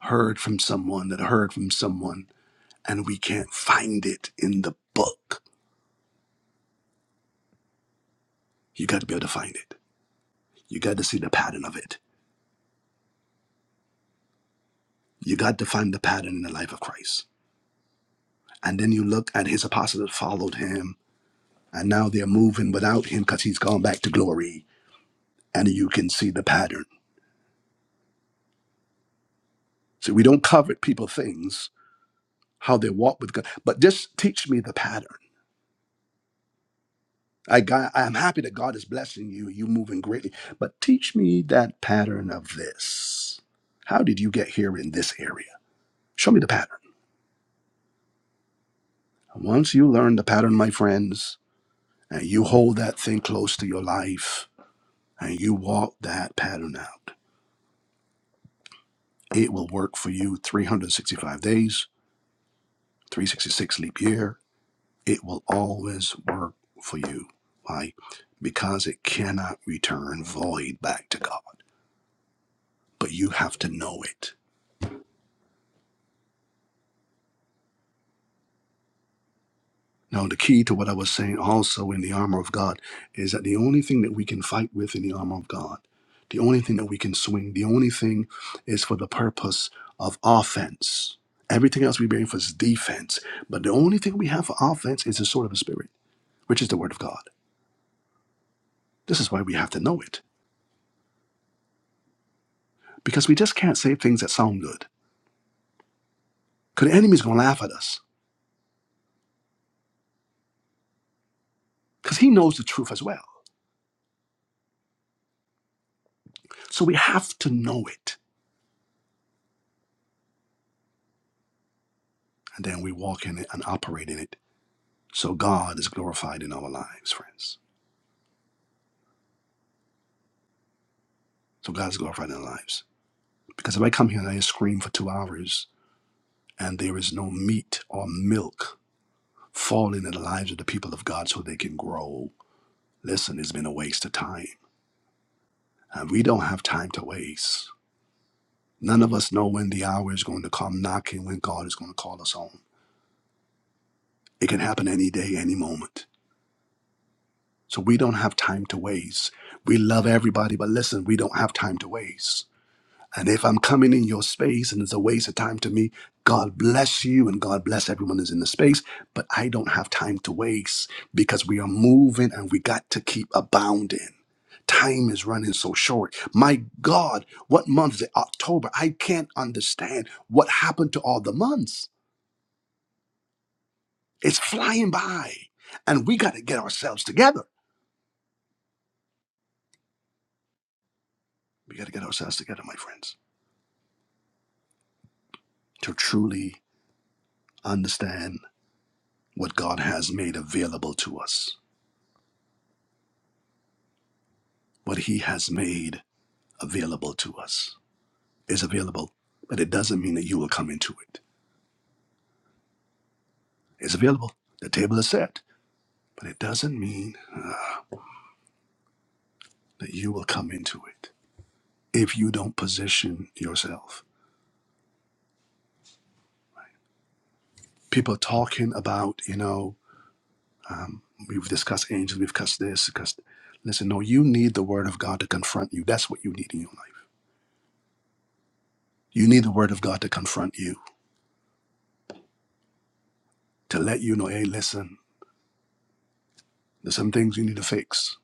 Speaker 1: heard from someone, that heard from someone, and we can't find it in the book. You got to be able to find it. You got to see the pattern of it. You got to find the pattern in the life of Christ. And then you look at his apostles that followed him, and now they're moving without him because he's gone back to glory, and you can see the pattern. So we don't covet people things, how they walk with God, but just teach me the pattern I got, I'm happy that God is blessing you. You moving greatly, but teach me that pattern of this. How did you get here in this area? Show me the pattern. Once you learn the pattern, my friends, and you hold that thing close to your life, and you walk that pattern out, it will work for you 365 days, 366 leap year. It will always work for you. Why? Because it cannot return void back to God, but you have to know it Now, the key to what I was saying also in the armor of God is that the only thing that we can fight with in the armor of God, the only thing that we can swing, the only thing is for the purpose of offense. Everything else we bring for is defense. But the only thing we have for offense is the sword of the Spirit, which is the word of God. This is why we have to know it, because we just can't say things that sound good. Because the enemy's going to laugh at us, because he knows the truth as well. So we have to know it, and then we walk in it and operate in it So God is glorified in our lives, friends. So God is glorified in our lives. Because if I come here and I scream for two hours and there is no meat or milk falling in the lives of the people of God so they can grow, listen, it's been a waste of time. And we don't have time to waste. None of us know when the hour is going to come knocking, when God is going to call us home. It can happen any day, any moment. So we don't have time to waste. We love everybody, but listen, we don't have time to waste. And if I'm coming in your space and it's a waste of time to me, God bless you and God bless everyone that's in the space. But I don't have time to waste because we are moving and we got to keep abounding. Time is running so short. My God, what month is it? October. I can't understand what happened to all the months. It's flying by. And we got to get ourselves together. We got to get ourselves together, my friends, to truly understand what God has made available to us What He has made available to us is available, but it doesn't mean that you will come into it. It's available. The table is set, but it doesn't mean that you will come into it if you don't position yourself. People talking about, you know, um, we've discussed angels, we've discussed this, discussed. Listen, no, you need the Word of God to confront you. That's what you need in your life. You need the Word of God to confront you, to let you know, hey, listen, there's some things you need to fix,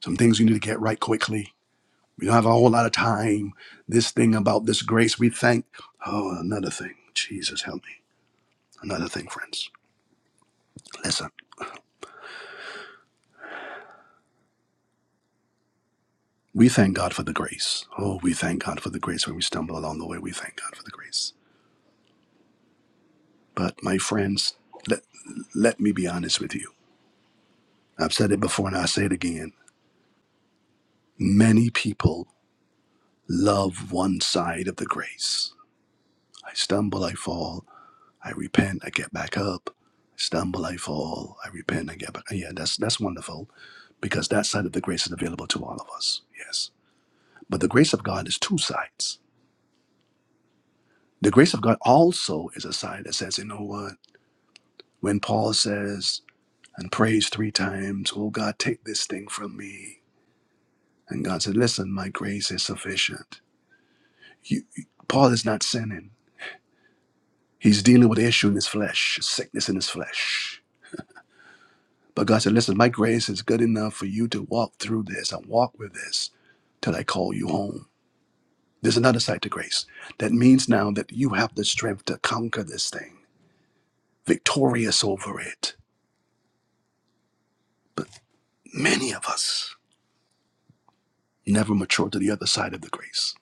Speaker 1: some things you need to get right quickly We don't have a whole lot of time. This thing about this grace, we thank. Oh, another thing. Jesus, help me. Another thing, friends. Listen, we thank God for the grace. Oh, we thank God for the grace. When we stumble along the way, we thank God for the grace. But, my friends, let, let me be honest with you. I've said it before and I say it again. Many people love one side of the grace. I stumble, I fall, I repent, I get back up. I stumble, I fall, I repent, I get back. Yeah, that's that's wonderful because that side of the grace is available to all of us. Yes. But the grace of God is two sides. The grace of God also is a side that says, you know what? When Paul says and prays three times, oh God, take this thing from me. And God said, listen, my grace is sufficient. You, Paul is not sinning. He's dealing with an issue in his flesh, sickness in his flesh. But God said, listen, my grace is good enough for you to walk through this and walk with this till I call you home. There's another side to grace. That means now that you have the strength to conquer this thing, victorious over it. But many of us never mature to the other side of the grace.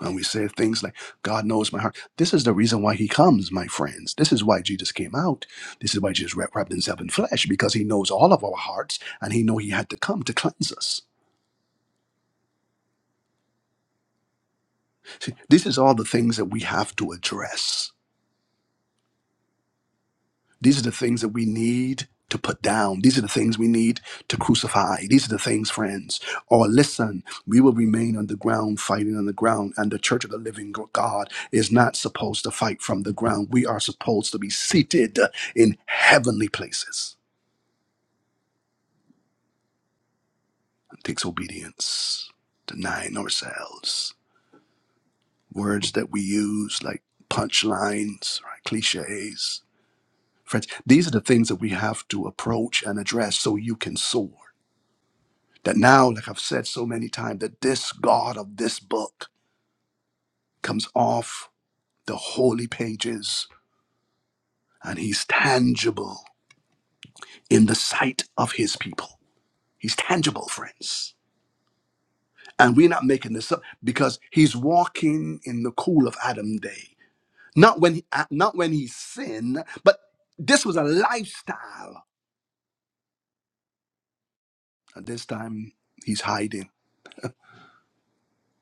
Speaker 1: And we say things like, God knows my heart. This is the reason why he comes, my friends. This is why Jesus came out. This is why Jesus wrap- wrapped himself in flesh, because he knows all of our hearts and he knew he had to come to cleanse us. See, this is all the things that we have to address These are the things that we need to put down. These are the things we need to crucify. These are the things, friends. Or listen, we will remain on the ground, fighting on the ground. And the church of the living God is not supposed to fight from the ground. We are supposed to be seated in heavenly places. It takes obedience, denying ourselves. Words that we use like punchlines, right? cliches. Friends, these are the things that we have to approach and address so you can soar. That now, like I've said so many times, that this God of this book comes off the holy pages and he's tangible in the sight of his people. He's tangible, friends. And we're not making this up because he's walking in the cool of Adam day. Not when he, uh, not when he sinned, but this was a lifestyle. And this time he's hiding.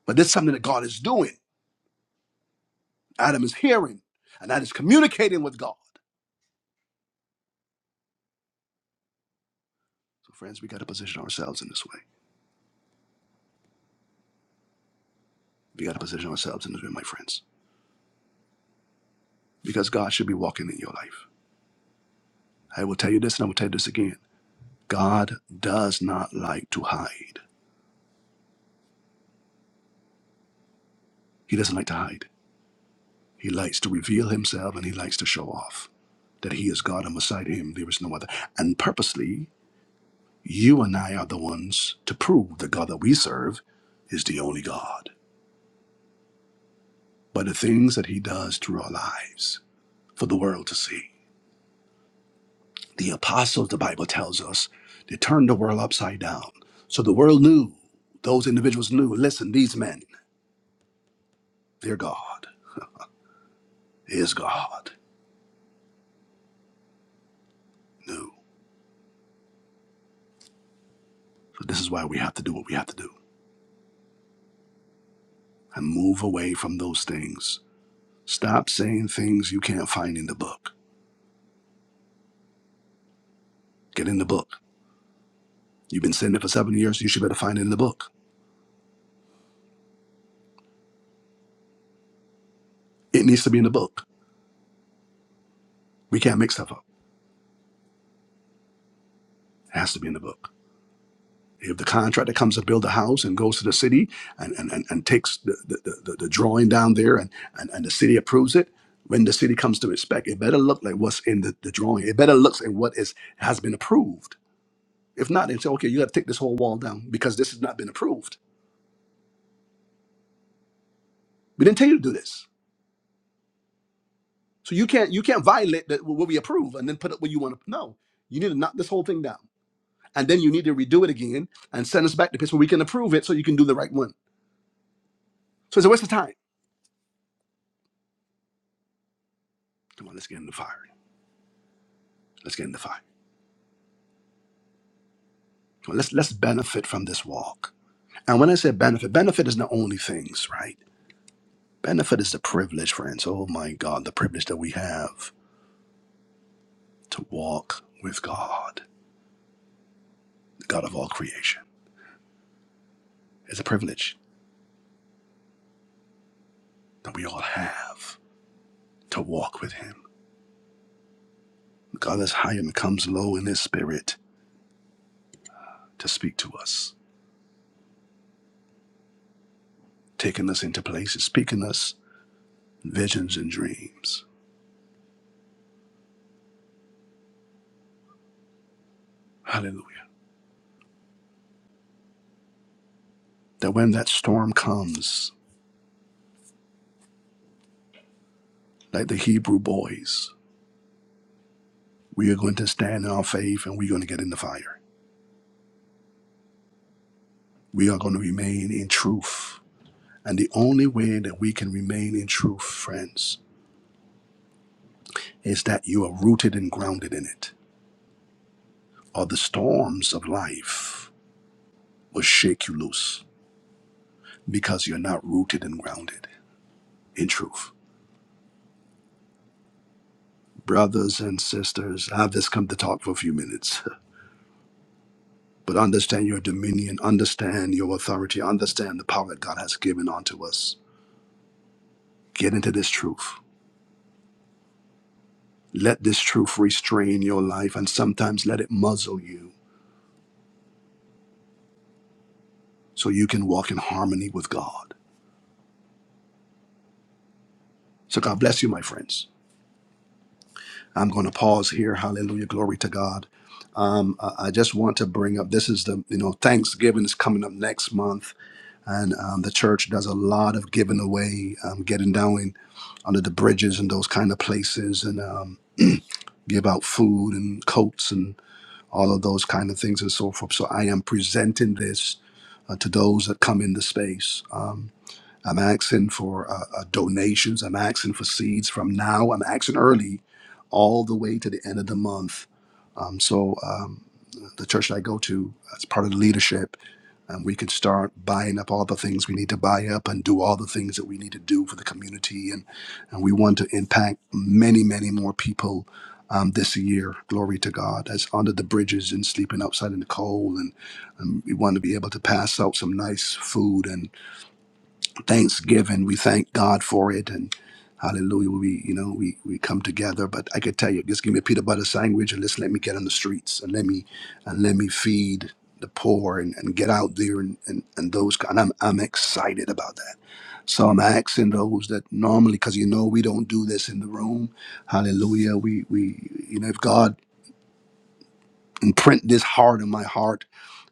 Speaker 1: But this is something that God is doing. Adam is hearing, and that is communicating with God. So, friends, we got to position ourselves in this way. We got to position ourselves in this way, my friends, because God should be walking in your life. I will tell you this and I will tell you this again. God does not like to hide. He doesn't like to hide. He likes to reveal himself and he likes to show off that he is God and beside him there is no other. And purposely, you and I are the ones to prove the God that we serve is the only God. By the things that he does through our lives for the world to see. The apostles, the Bible tells us, they turned the world upside down. So the world knew, those individuals knew, listen, these men, their God is God. Knew. So this is why we have to do what we have to do and move away from those things. Stop saying things you can't find in the book. Get in the book. You've been saying it for seven years, you should better find it in the book. It needs to be in the book. We can't make stuff up. It has to be in the book. If the contractor comes to build a house and goes to the city and, and, and, and takes the, the, the, the drawing down there and, and, and the city approves it, when the city comes to inspect, it better look like what's in the, the drawing. It better looks like what is has been approved. If not, they say, okay, you gotta take this whole wall down because this has not been approved. We didn't tell you to do this. So you can't you can't violate that what we approve and then put up what you want to no. You need to knock this whole thing down. And then you need to redo it again and send us back the place where we can approve it so you can do the right one. So it's a waste of time. Come on, let's get in the fire. Let's get in the fire. Let's let's benefit from this walk. And when I say benefit, benefit is not only things, right? Benefit is the privilege, friends. Oh my God, the privilege that we have to walk with God, the God of all creation. It's a privilege that we all have to walk with Him. God is high and comes low in His spirit to speak to us, taking us into places, speaking us visions and dreams. Hallelujah. That when that storm comes, like the Hebrew boys, We are going to stand in our faith and we're going to get in the fire. We are going to remain in truth. And the only way that we can remain in truth, friends, is that you are rooted and grounded in it. Or the storms of life will shake you loose because you're not rooted and grounded in truth. Brothers and sisters, I've just come to talk for a few minutes. But understand your dominion, understand your authority, understand the power that God has given unto us. Get into this truth Let this truth restrain your life and sometimes let it muzzle you so you can walk in harmony with God. So God bless you, my friends. I'm going to pause here. Hallelujah. Glory to God. Um, I I just want to bring up this is the, you know, Thanksgiving is coming up next month, and um, the church does a lot of giving away, um, getting down under the bridges and those kind of places, and um, give out food and coats and. all of those kind of things and so forth. So I am presenting this uh, to those that come into space. Um, I'm asking for uh, uh, donations. I'm asking for seeds from now. I'm asking early, all the way to the end of the month. Um, so um, the church that I go to, as part of the leadership, um, we can start buying up all the things we need to buy up and do all the things that we need to do for the community. And and we want to impact many, many more people. Um, this year, glory to God, that's under the bridges and sleeping outside in the cold, and, and we want to be able to pass out some nice food and thanksgiving. We thank God for it and hallelujah. We, you know, we, we come together, but I could tell you, just give me a peanut butter sandwich and just let me get on the streets and let me, and let me feed the poor and, and get out there and, and, and those, and I'm, I'm excited about that. So I'm asking those that normally, because you know we don't do this in the room. Hallelujah. We we you know if God imprint this heart in my heart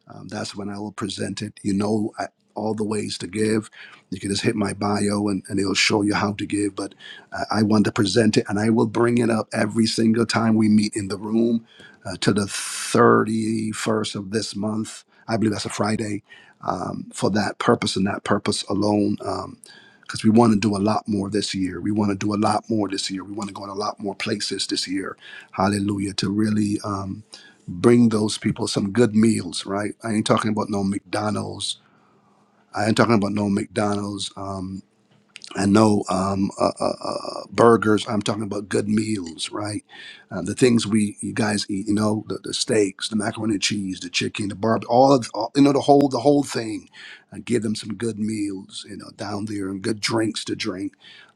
Speaker 1: um, that's when I will present it. You know I, all the ways to give. You can just hit my bio and, and it'll show you how to give. But I, I want to present it and I will bring it up every single time we meet in the room uh, to the 31st of this month. I believe that's a Friday um, for that purpose and that purpose alone. Um, because we want to do a lot more this year. We want to do a lot more this year. We want to go in a lot more places this year. Hallelujah. To really um, bring those people some good meals, right? I ain't talking about no McDonald's. I ain't talking about no McDonald's. um, I know um, uh, uh, uh, burgers. I'm talking about good meals, right? Uh, the things we you guys eat, you know, the, the steaks, the macaroni and cheese, the chicken, the barb, all of all, you know the whole the whole thing. Uh, give them some good meals, you know, down there, and good drinks to drink,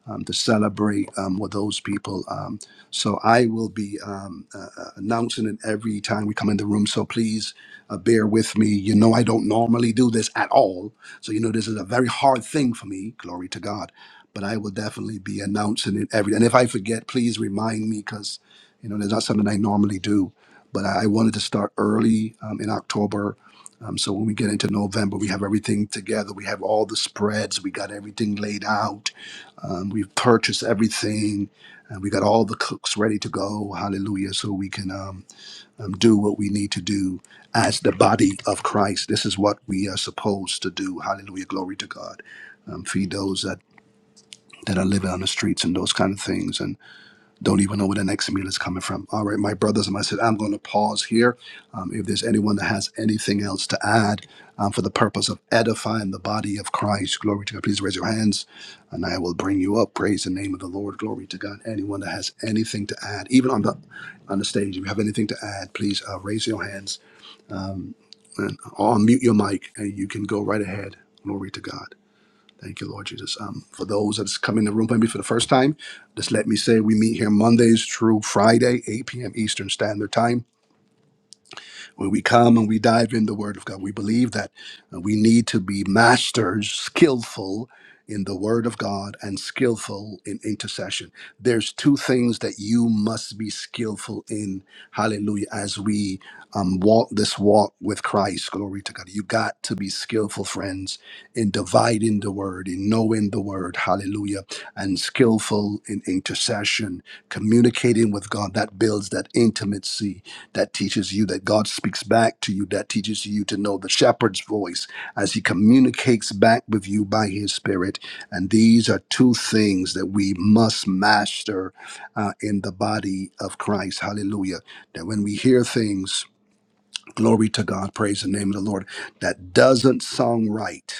Speaker 1: um, to celebrate um, with those people. Um, so I will be um, uh, uh, announcing it every time we come in the room. So please uh, bear with me. You know, I don't normally do this at all. So you know, this is a very hard thing for me. Glory to God but I will definitely be announcing it every. And if I forget, please remind me because you know there's not something I normally do. But I I wanted to start early um, in October, um, so when we get into November, we have everything together. We have all the spreads. We got everything laid out. Um, we've purchased everything, and we got all the cooks ready to go. Hallelujah! So we can um, um, do what we need to do as the body of Christ. This is what we are supposed to do. Hallelujah! Glory to God. Um, feed those that that are living on the streets and those kind of things and don't even know where the next meal is coming from. All right, my brothers and my sisters, I'm going to pause here. Um, if there's anyone that has anything else to add um, for the purpose of edifying the body of Christ, glory to God, please raise your hands and I will bring you up. Praise the name of the Lord, glory to God. Anyone that has anything to add, even on the on the stage, if you have anything to add, please uh, raise your hands um, and, or unmute your mic and you can go right ahead. Glory to God. Thank you, Lord Jesus. Um, for those that's come in the room maybe for the first time, just let me say we meet here Mondays through Friday, 8 p.m. Eastern Standard Time. When we come and we dive in the Word of God, we believe that uh, we need to be masters, skillful in the Word of God and skillful in intercession. There's two things that you must be skillful in. Hallelujah. As we um, walk this walk with Christ, glory to God. You got to be skillful, friends, in dividing the Word, in knowing the Word. Hallelujah. And skillful in intercession communicating with God that builds that intimacy that teaches you that God speaks back to you. That teaches you to know the shepherd's voice as he communicates back with you by his spirit. And these are two things that we must master uh, in the body of Christ. Hallelujah. That when we hear things, Glory to God. Praise the name of the Lord. That doesn't sound right.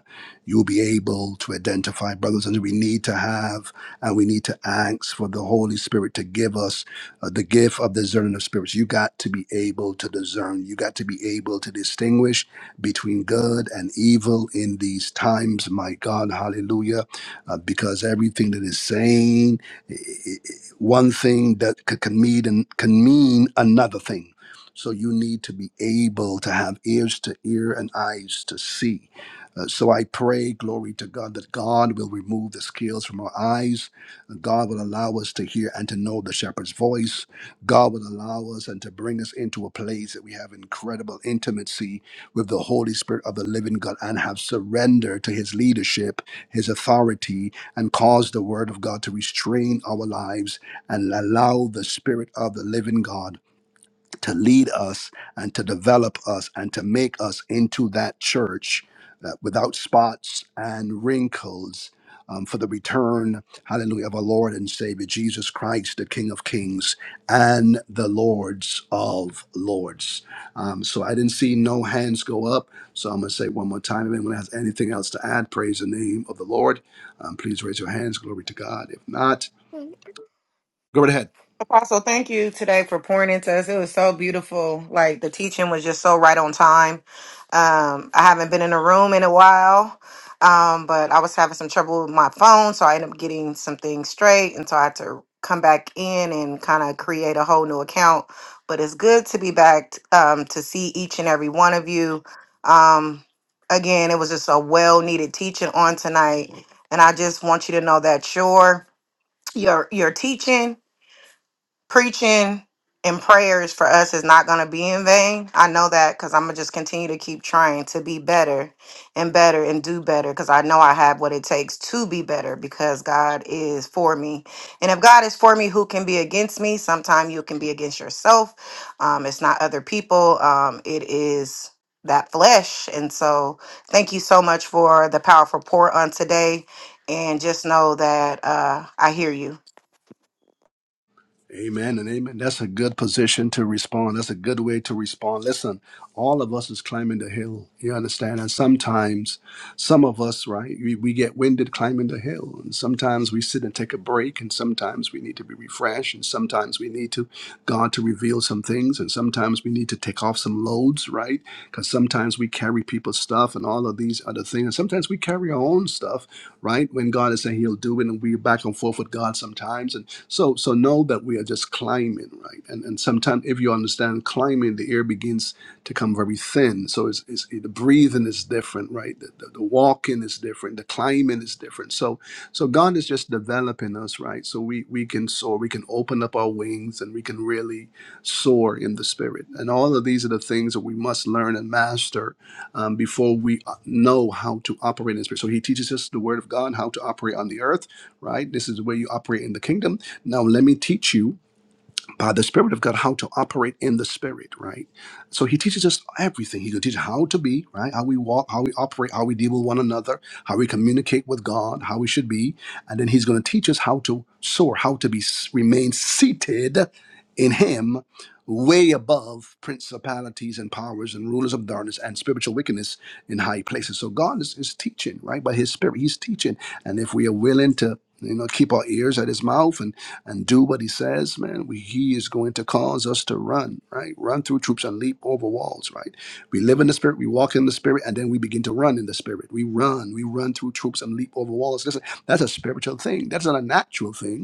Speaker 1: You'll be able to identify, brothers, and we need to have and we need to ask for the Holy Spirit to give us uh, the gift of discerning of spirits. You got to be able to discern. You got to be able to distinguish between good and evil in these times. My God, hallelujah. Uh, because everything that is sane one thing that could, can mean can mean another thing. So you need to be able to have ears to hear and eyes to see. Uh, so I pray, glory to God, that God will remove the scales from our eyes. God will allow us to hear and to know the shepherd's voice. God will allow us and to bring us into a place that we have incredible intimacy with the Holy Spirit of the living God and have surrender to his leadership, his authority, and cause the word of God to restrain our lives and allow the spirit of the living God to lead us and to develop us and to make us into that church uh, without spots and wrinkles um, for the return, hallelujah, of our Lord and Savior Jesus Christ, the King of Kings and the Lords of Lords. Um, so I didn't see no hands go up. So I'm going to say it one more time. If anyone has anything else to add, praise the name of the Lord. Um, please raise your hands. Glory to God. If not, go right ahead.
Speaker 6: Apostle, thank you today for pouring into us. It was so beautiful. Like the teaching was just so right on time. Um, I haven't been in a room in a while, um, but I was having some trouble with my phone, so I ended up getting some things straight, and so I had to come back in and kind of create a whole new account. But it's good to be back um, to see each and every one of you. Um, again, it was just a well-needed teaching on tonight, and I just want you to know that your your your teaching preaching and prayers for us is not going to be in vain. I know that because I'm going to just continue to keep trying to be better and better and do better because I know I have what it takes to be better because God is for me. And if God is for me, who can be against me? Sometimes you can be against yourself. Um, it's not other people, um, it is that flesh. And so, thank you so much for the powerful pour on today. And just know that uh, I hear you
Speaker 1: Amen and amen. That's a good position to respond. That's a good way to respond. Listen, all of us is climbing the hill. You understand? And sometimes, some of us, right, we, we get winded climbing the hill. And sometimes we sit and take a break. And sometimes we need to be refreshed. And sometimes we need to God to reveal some things. And sometimes we need to take off some loads, right? Because sometimes we carry people's stuff and all of these other things. And sometimes we carry our own stuff, right? When God is saying He'll do it, and we're back and forth with God sometimes. And so so know that we are just climbing, right? And and sometimes if you understand climbing, the air begins to come very thin. So it's, it's the breathing is different, right? The, the, the walking is different. The climbing is different. So so God is just developing us, right? So we we can soar, we can open up our wings, and we can really soar in the spirit. And all of these are the things that we must learn and master um, before we uh, know how to operate in the spirit. So He teaches us the Word of God, how to operate on the earth right? This is where you operate in the kingdom. Now, let me teach you by the Spirit of God how to operate in the Spirit, right? So He teaches us everything. He can teach how to be, right? How we walk, how we operate, how we deal with one another, how we communicate with God, how we should be, and then He's going to teach us how to soar, how to be remain seated in Him, way above principalities and powers and rulers of darkness and spiritual wickedness in high places. So God is, is teaching, right? By His Spirit, He's teaching, and if we are willing to. You know, keep our ears at his mouth and and do what he says, man, we, he is going to cause us to run, right? Run through troops and leap over walls, right? We live in the spirit, we walk in the spirit, and then we begin to run in the spirit. We run, we run through troops and leap over walls. Listen, that's a spiritual thing. That's not a natural thing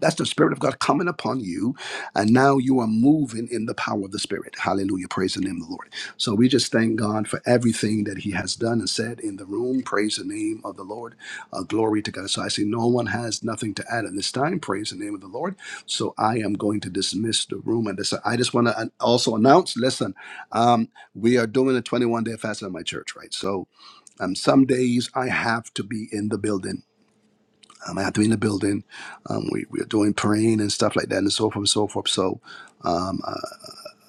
Speaker 1: that's the Spirit of God coming upon you. And now you are moving in the power of the Spirit. Hallelujah. Praise the name of the Lord. So we just thank God for everything that He has done and said in the room. Praise the name of the Lord. Uh, glory to God. So I see no one has nothing to add at this time. Praise the name of the Lord. So I am going to dismiss the room. And this, I just want to also announce listen, um, we are doing a 21 day fast at my church, right? So um, some days I have to be in the building um, I have to be in the building. Um, we, we are doing praying and stuff like that, and so forth and so forth. So, um, uh,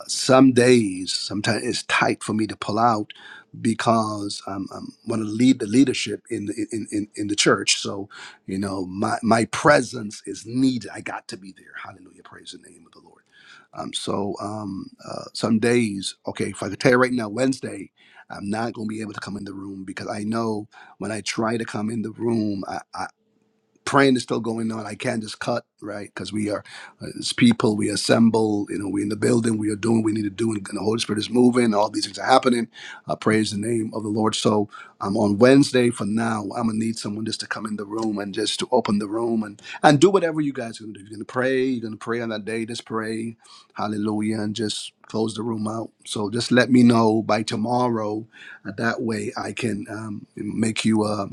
Speaker 1: some days, sometimes it's tight for me to pull out because I'm, I'm want to lead the leadership in the in, in in the church. So, you know, my my presence is needed. I got to be there. Hallelujah! Praise the name of the Lord. Um, so, um, uh, some days, okay, if I could tell you right now, Wednesday, I'm not going to be able to come in the room because I know when I try to come in the room, praying is still going on. I can't just cut, right? Because we are, uh, as people, we assemble, you know, we're in the building, we are doing what we need to do, and the Holy Spirit is moving, all these things are happening. Uh, praise the name of the Lord. So um, on Wednesday for now, I'm going to need someone just to come in the room and just to open the room and, and do whatever you guys are going to do. You're going to pray, you're going to pray on that day, just pray, hallelujah, and just close the room out. So just let me know by tomorrow. Uh, that way I can um, make you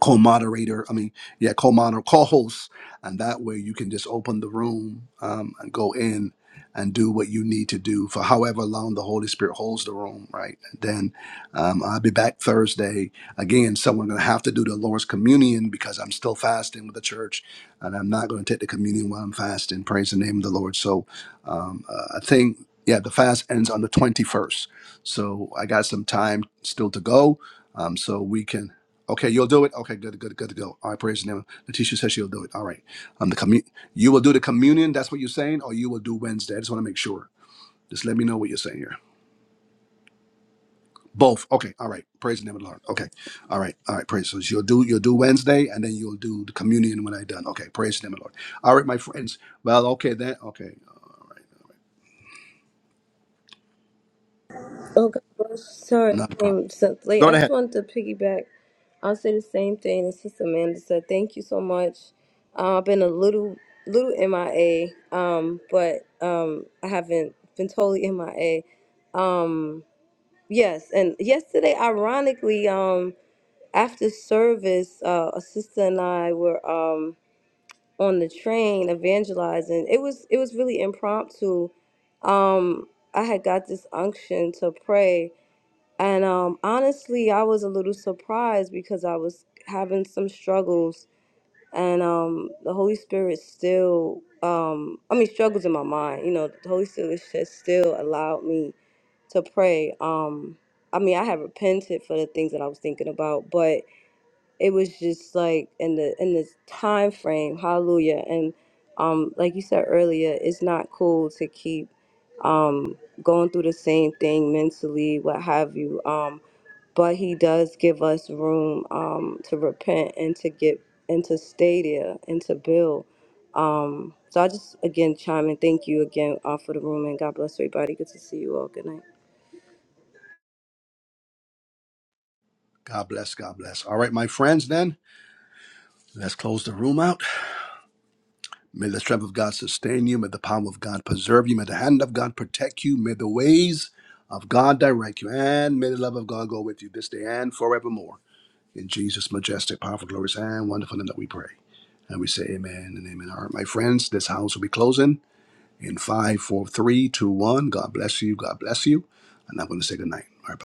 Speaker 1: co-moderator i mean yeah co-moderator co-host and that way you can just open the room um, and go in and do what you need to do for however long the holy spirit holds the room right then um, i'll be back thursday again someone gonna have to do the lord's communion because i'm still fasting with the church and i'm not going to take the communion while i'm fasting praise the name of the lord so um, uh, i think yeah the fast ends on the 21st so i got some time still to go um, so we can Okay, you'll do it. Okay, good, good, good to go. All right, praise the name. Letitia says she'll do it. All right. Um, the commu. you will do the communion. That's what you're saying, or you will do Wednesday. I just want to make sure. Just let me know what you're saying here. Both. Okay. All right. Praise the name of the Lord. Okay. All right. All right. Praise. So you'll do you'll do Wednesday, and then you'll do the communion when I done. Okay. Praise the name of the Lord. All right, my friends. Well, okay then. Okay.
Speaker 10: Oh, God bless. Sorry, I
Speaker 1: Not a problem.
Speaker 10: came so late. I just wanted to piggyback. I'll say the same thing as Sister Amanda said. Thank you so much. Uh, I've been a little little MIA, um, but um, I haven't been totally MIA. Um, yes, and yesterday, ironically, um, after service, uh, a sister and I were um, on the train evangelizing. It was it was really impromptu. Um, I had got this unction to pray and um, honestly, I was a little surprised because I was having some struggles, and um, the Holy Spirit still, um, I mean, struggles in my mind. You know, the Holy Spirit just still allowed me to pray. Um, I mean, I had repented for the things that I was thinking about, but it was just like in the in this time frame. Hallelujah! And um, like you said earlier, it's not cool to keep um, going through the same thing mentally, what have you. Um, but He does give us room um, to repent and to get and to stay there and to build. Um, so I just again chime in. Thank you again uh, for the room and God bless everybody. Good to see you all. Good night.
Speaker 1: God bless. God bless. All right, my friends. Then let's close the room out. May the strength of God sustain you. May the power of God preserve you. May the hand of God protect you. May the ways of God direct you. And may the love of God go with you this day and forevermore. In Jesus' majestic, powerful, glorious, and wonderful name that we pray. And we say amen and amen. All right, my friends, this house will be closing in five, four, three, two, one. God bless you. God bless you. And I'm going to say good night. All right, Bye.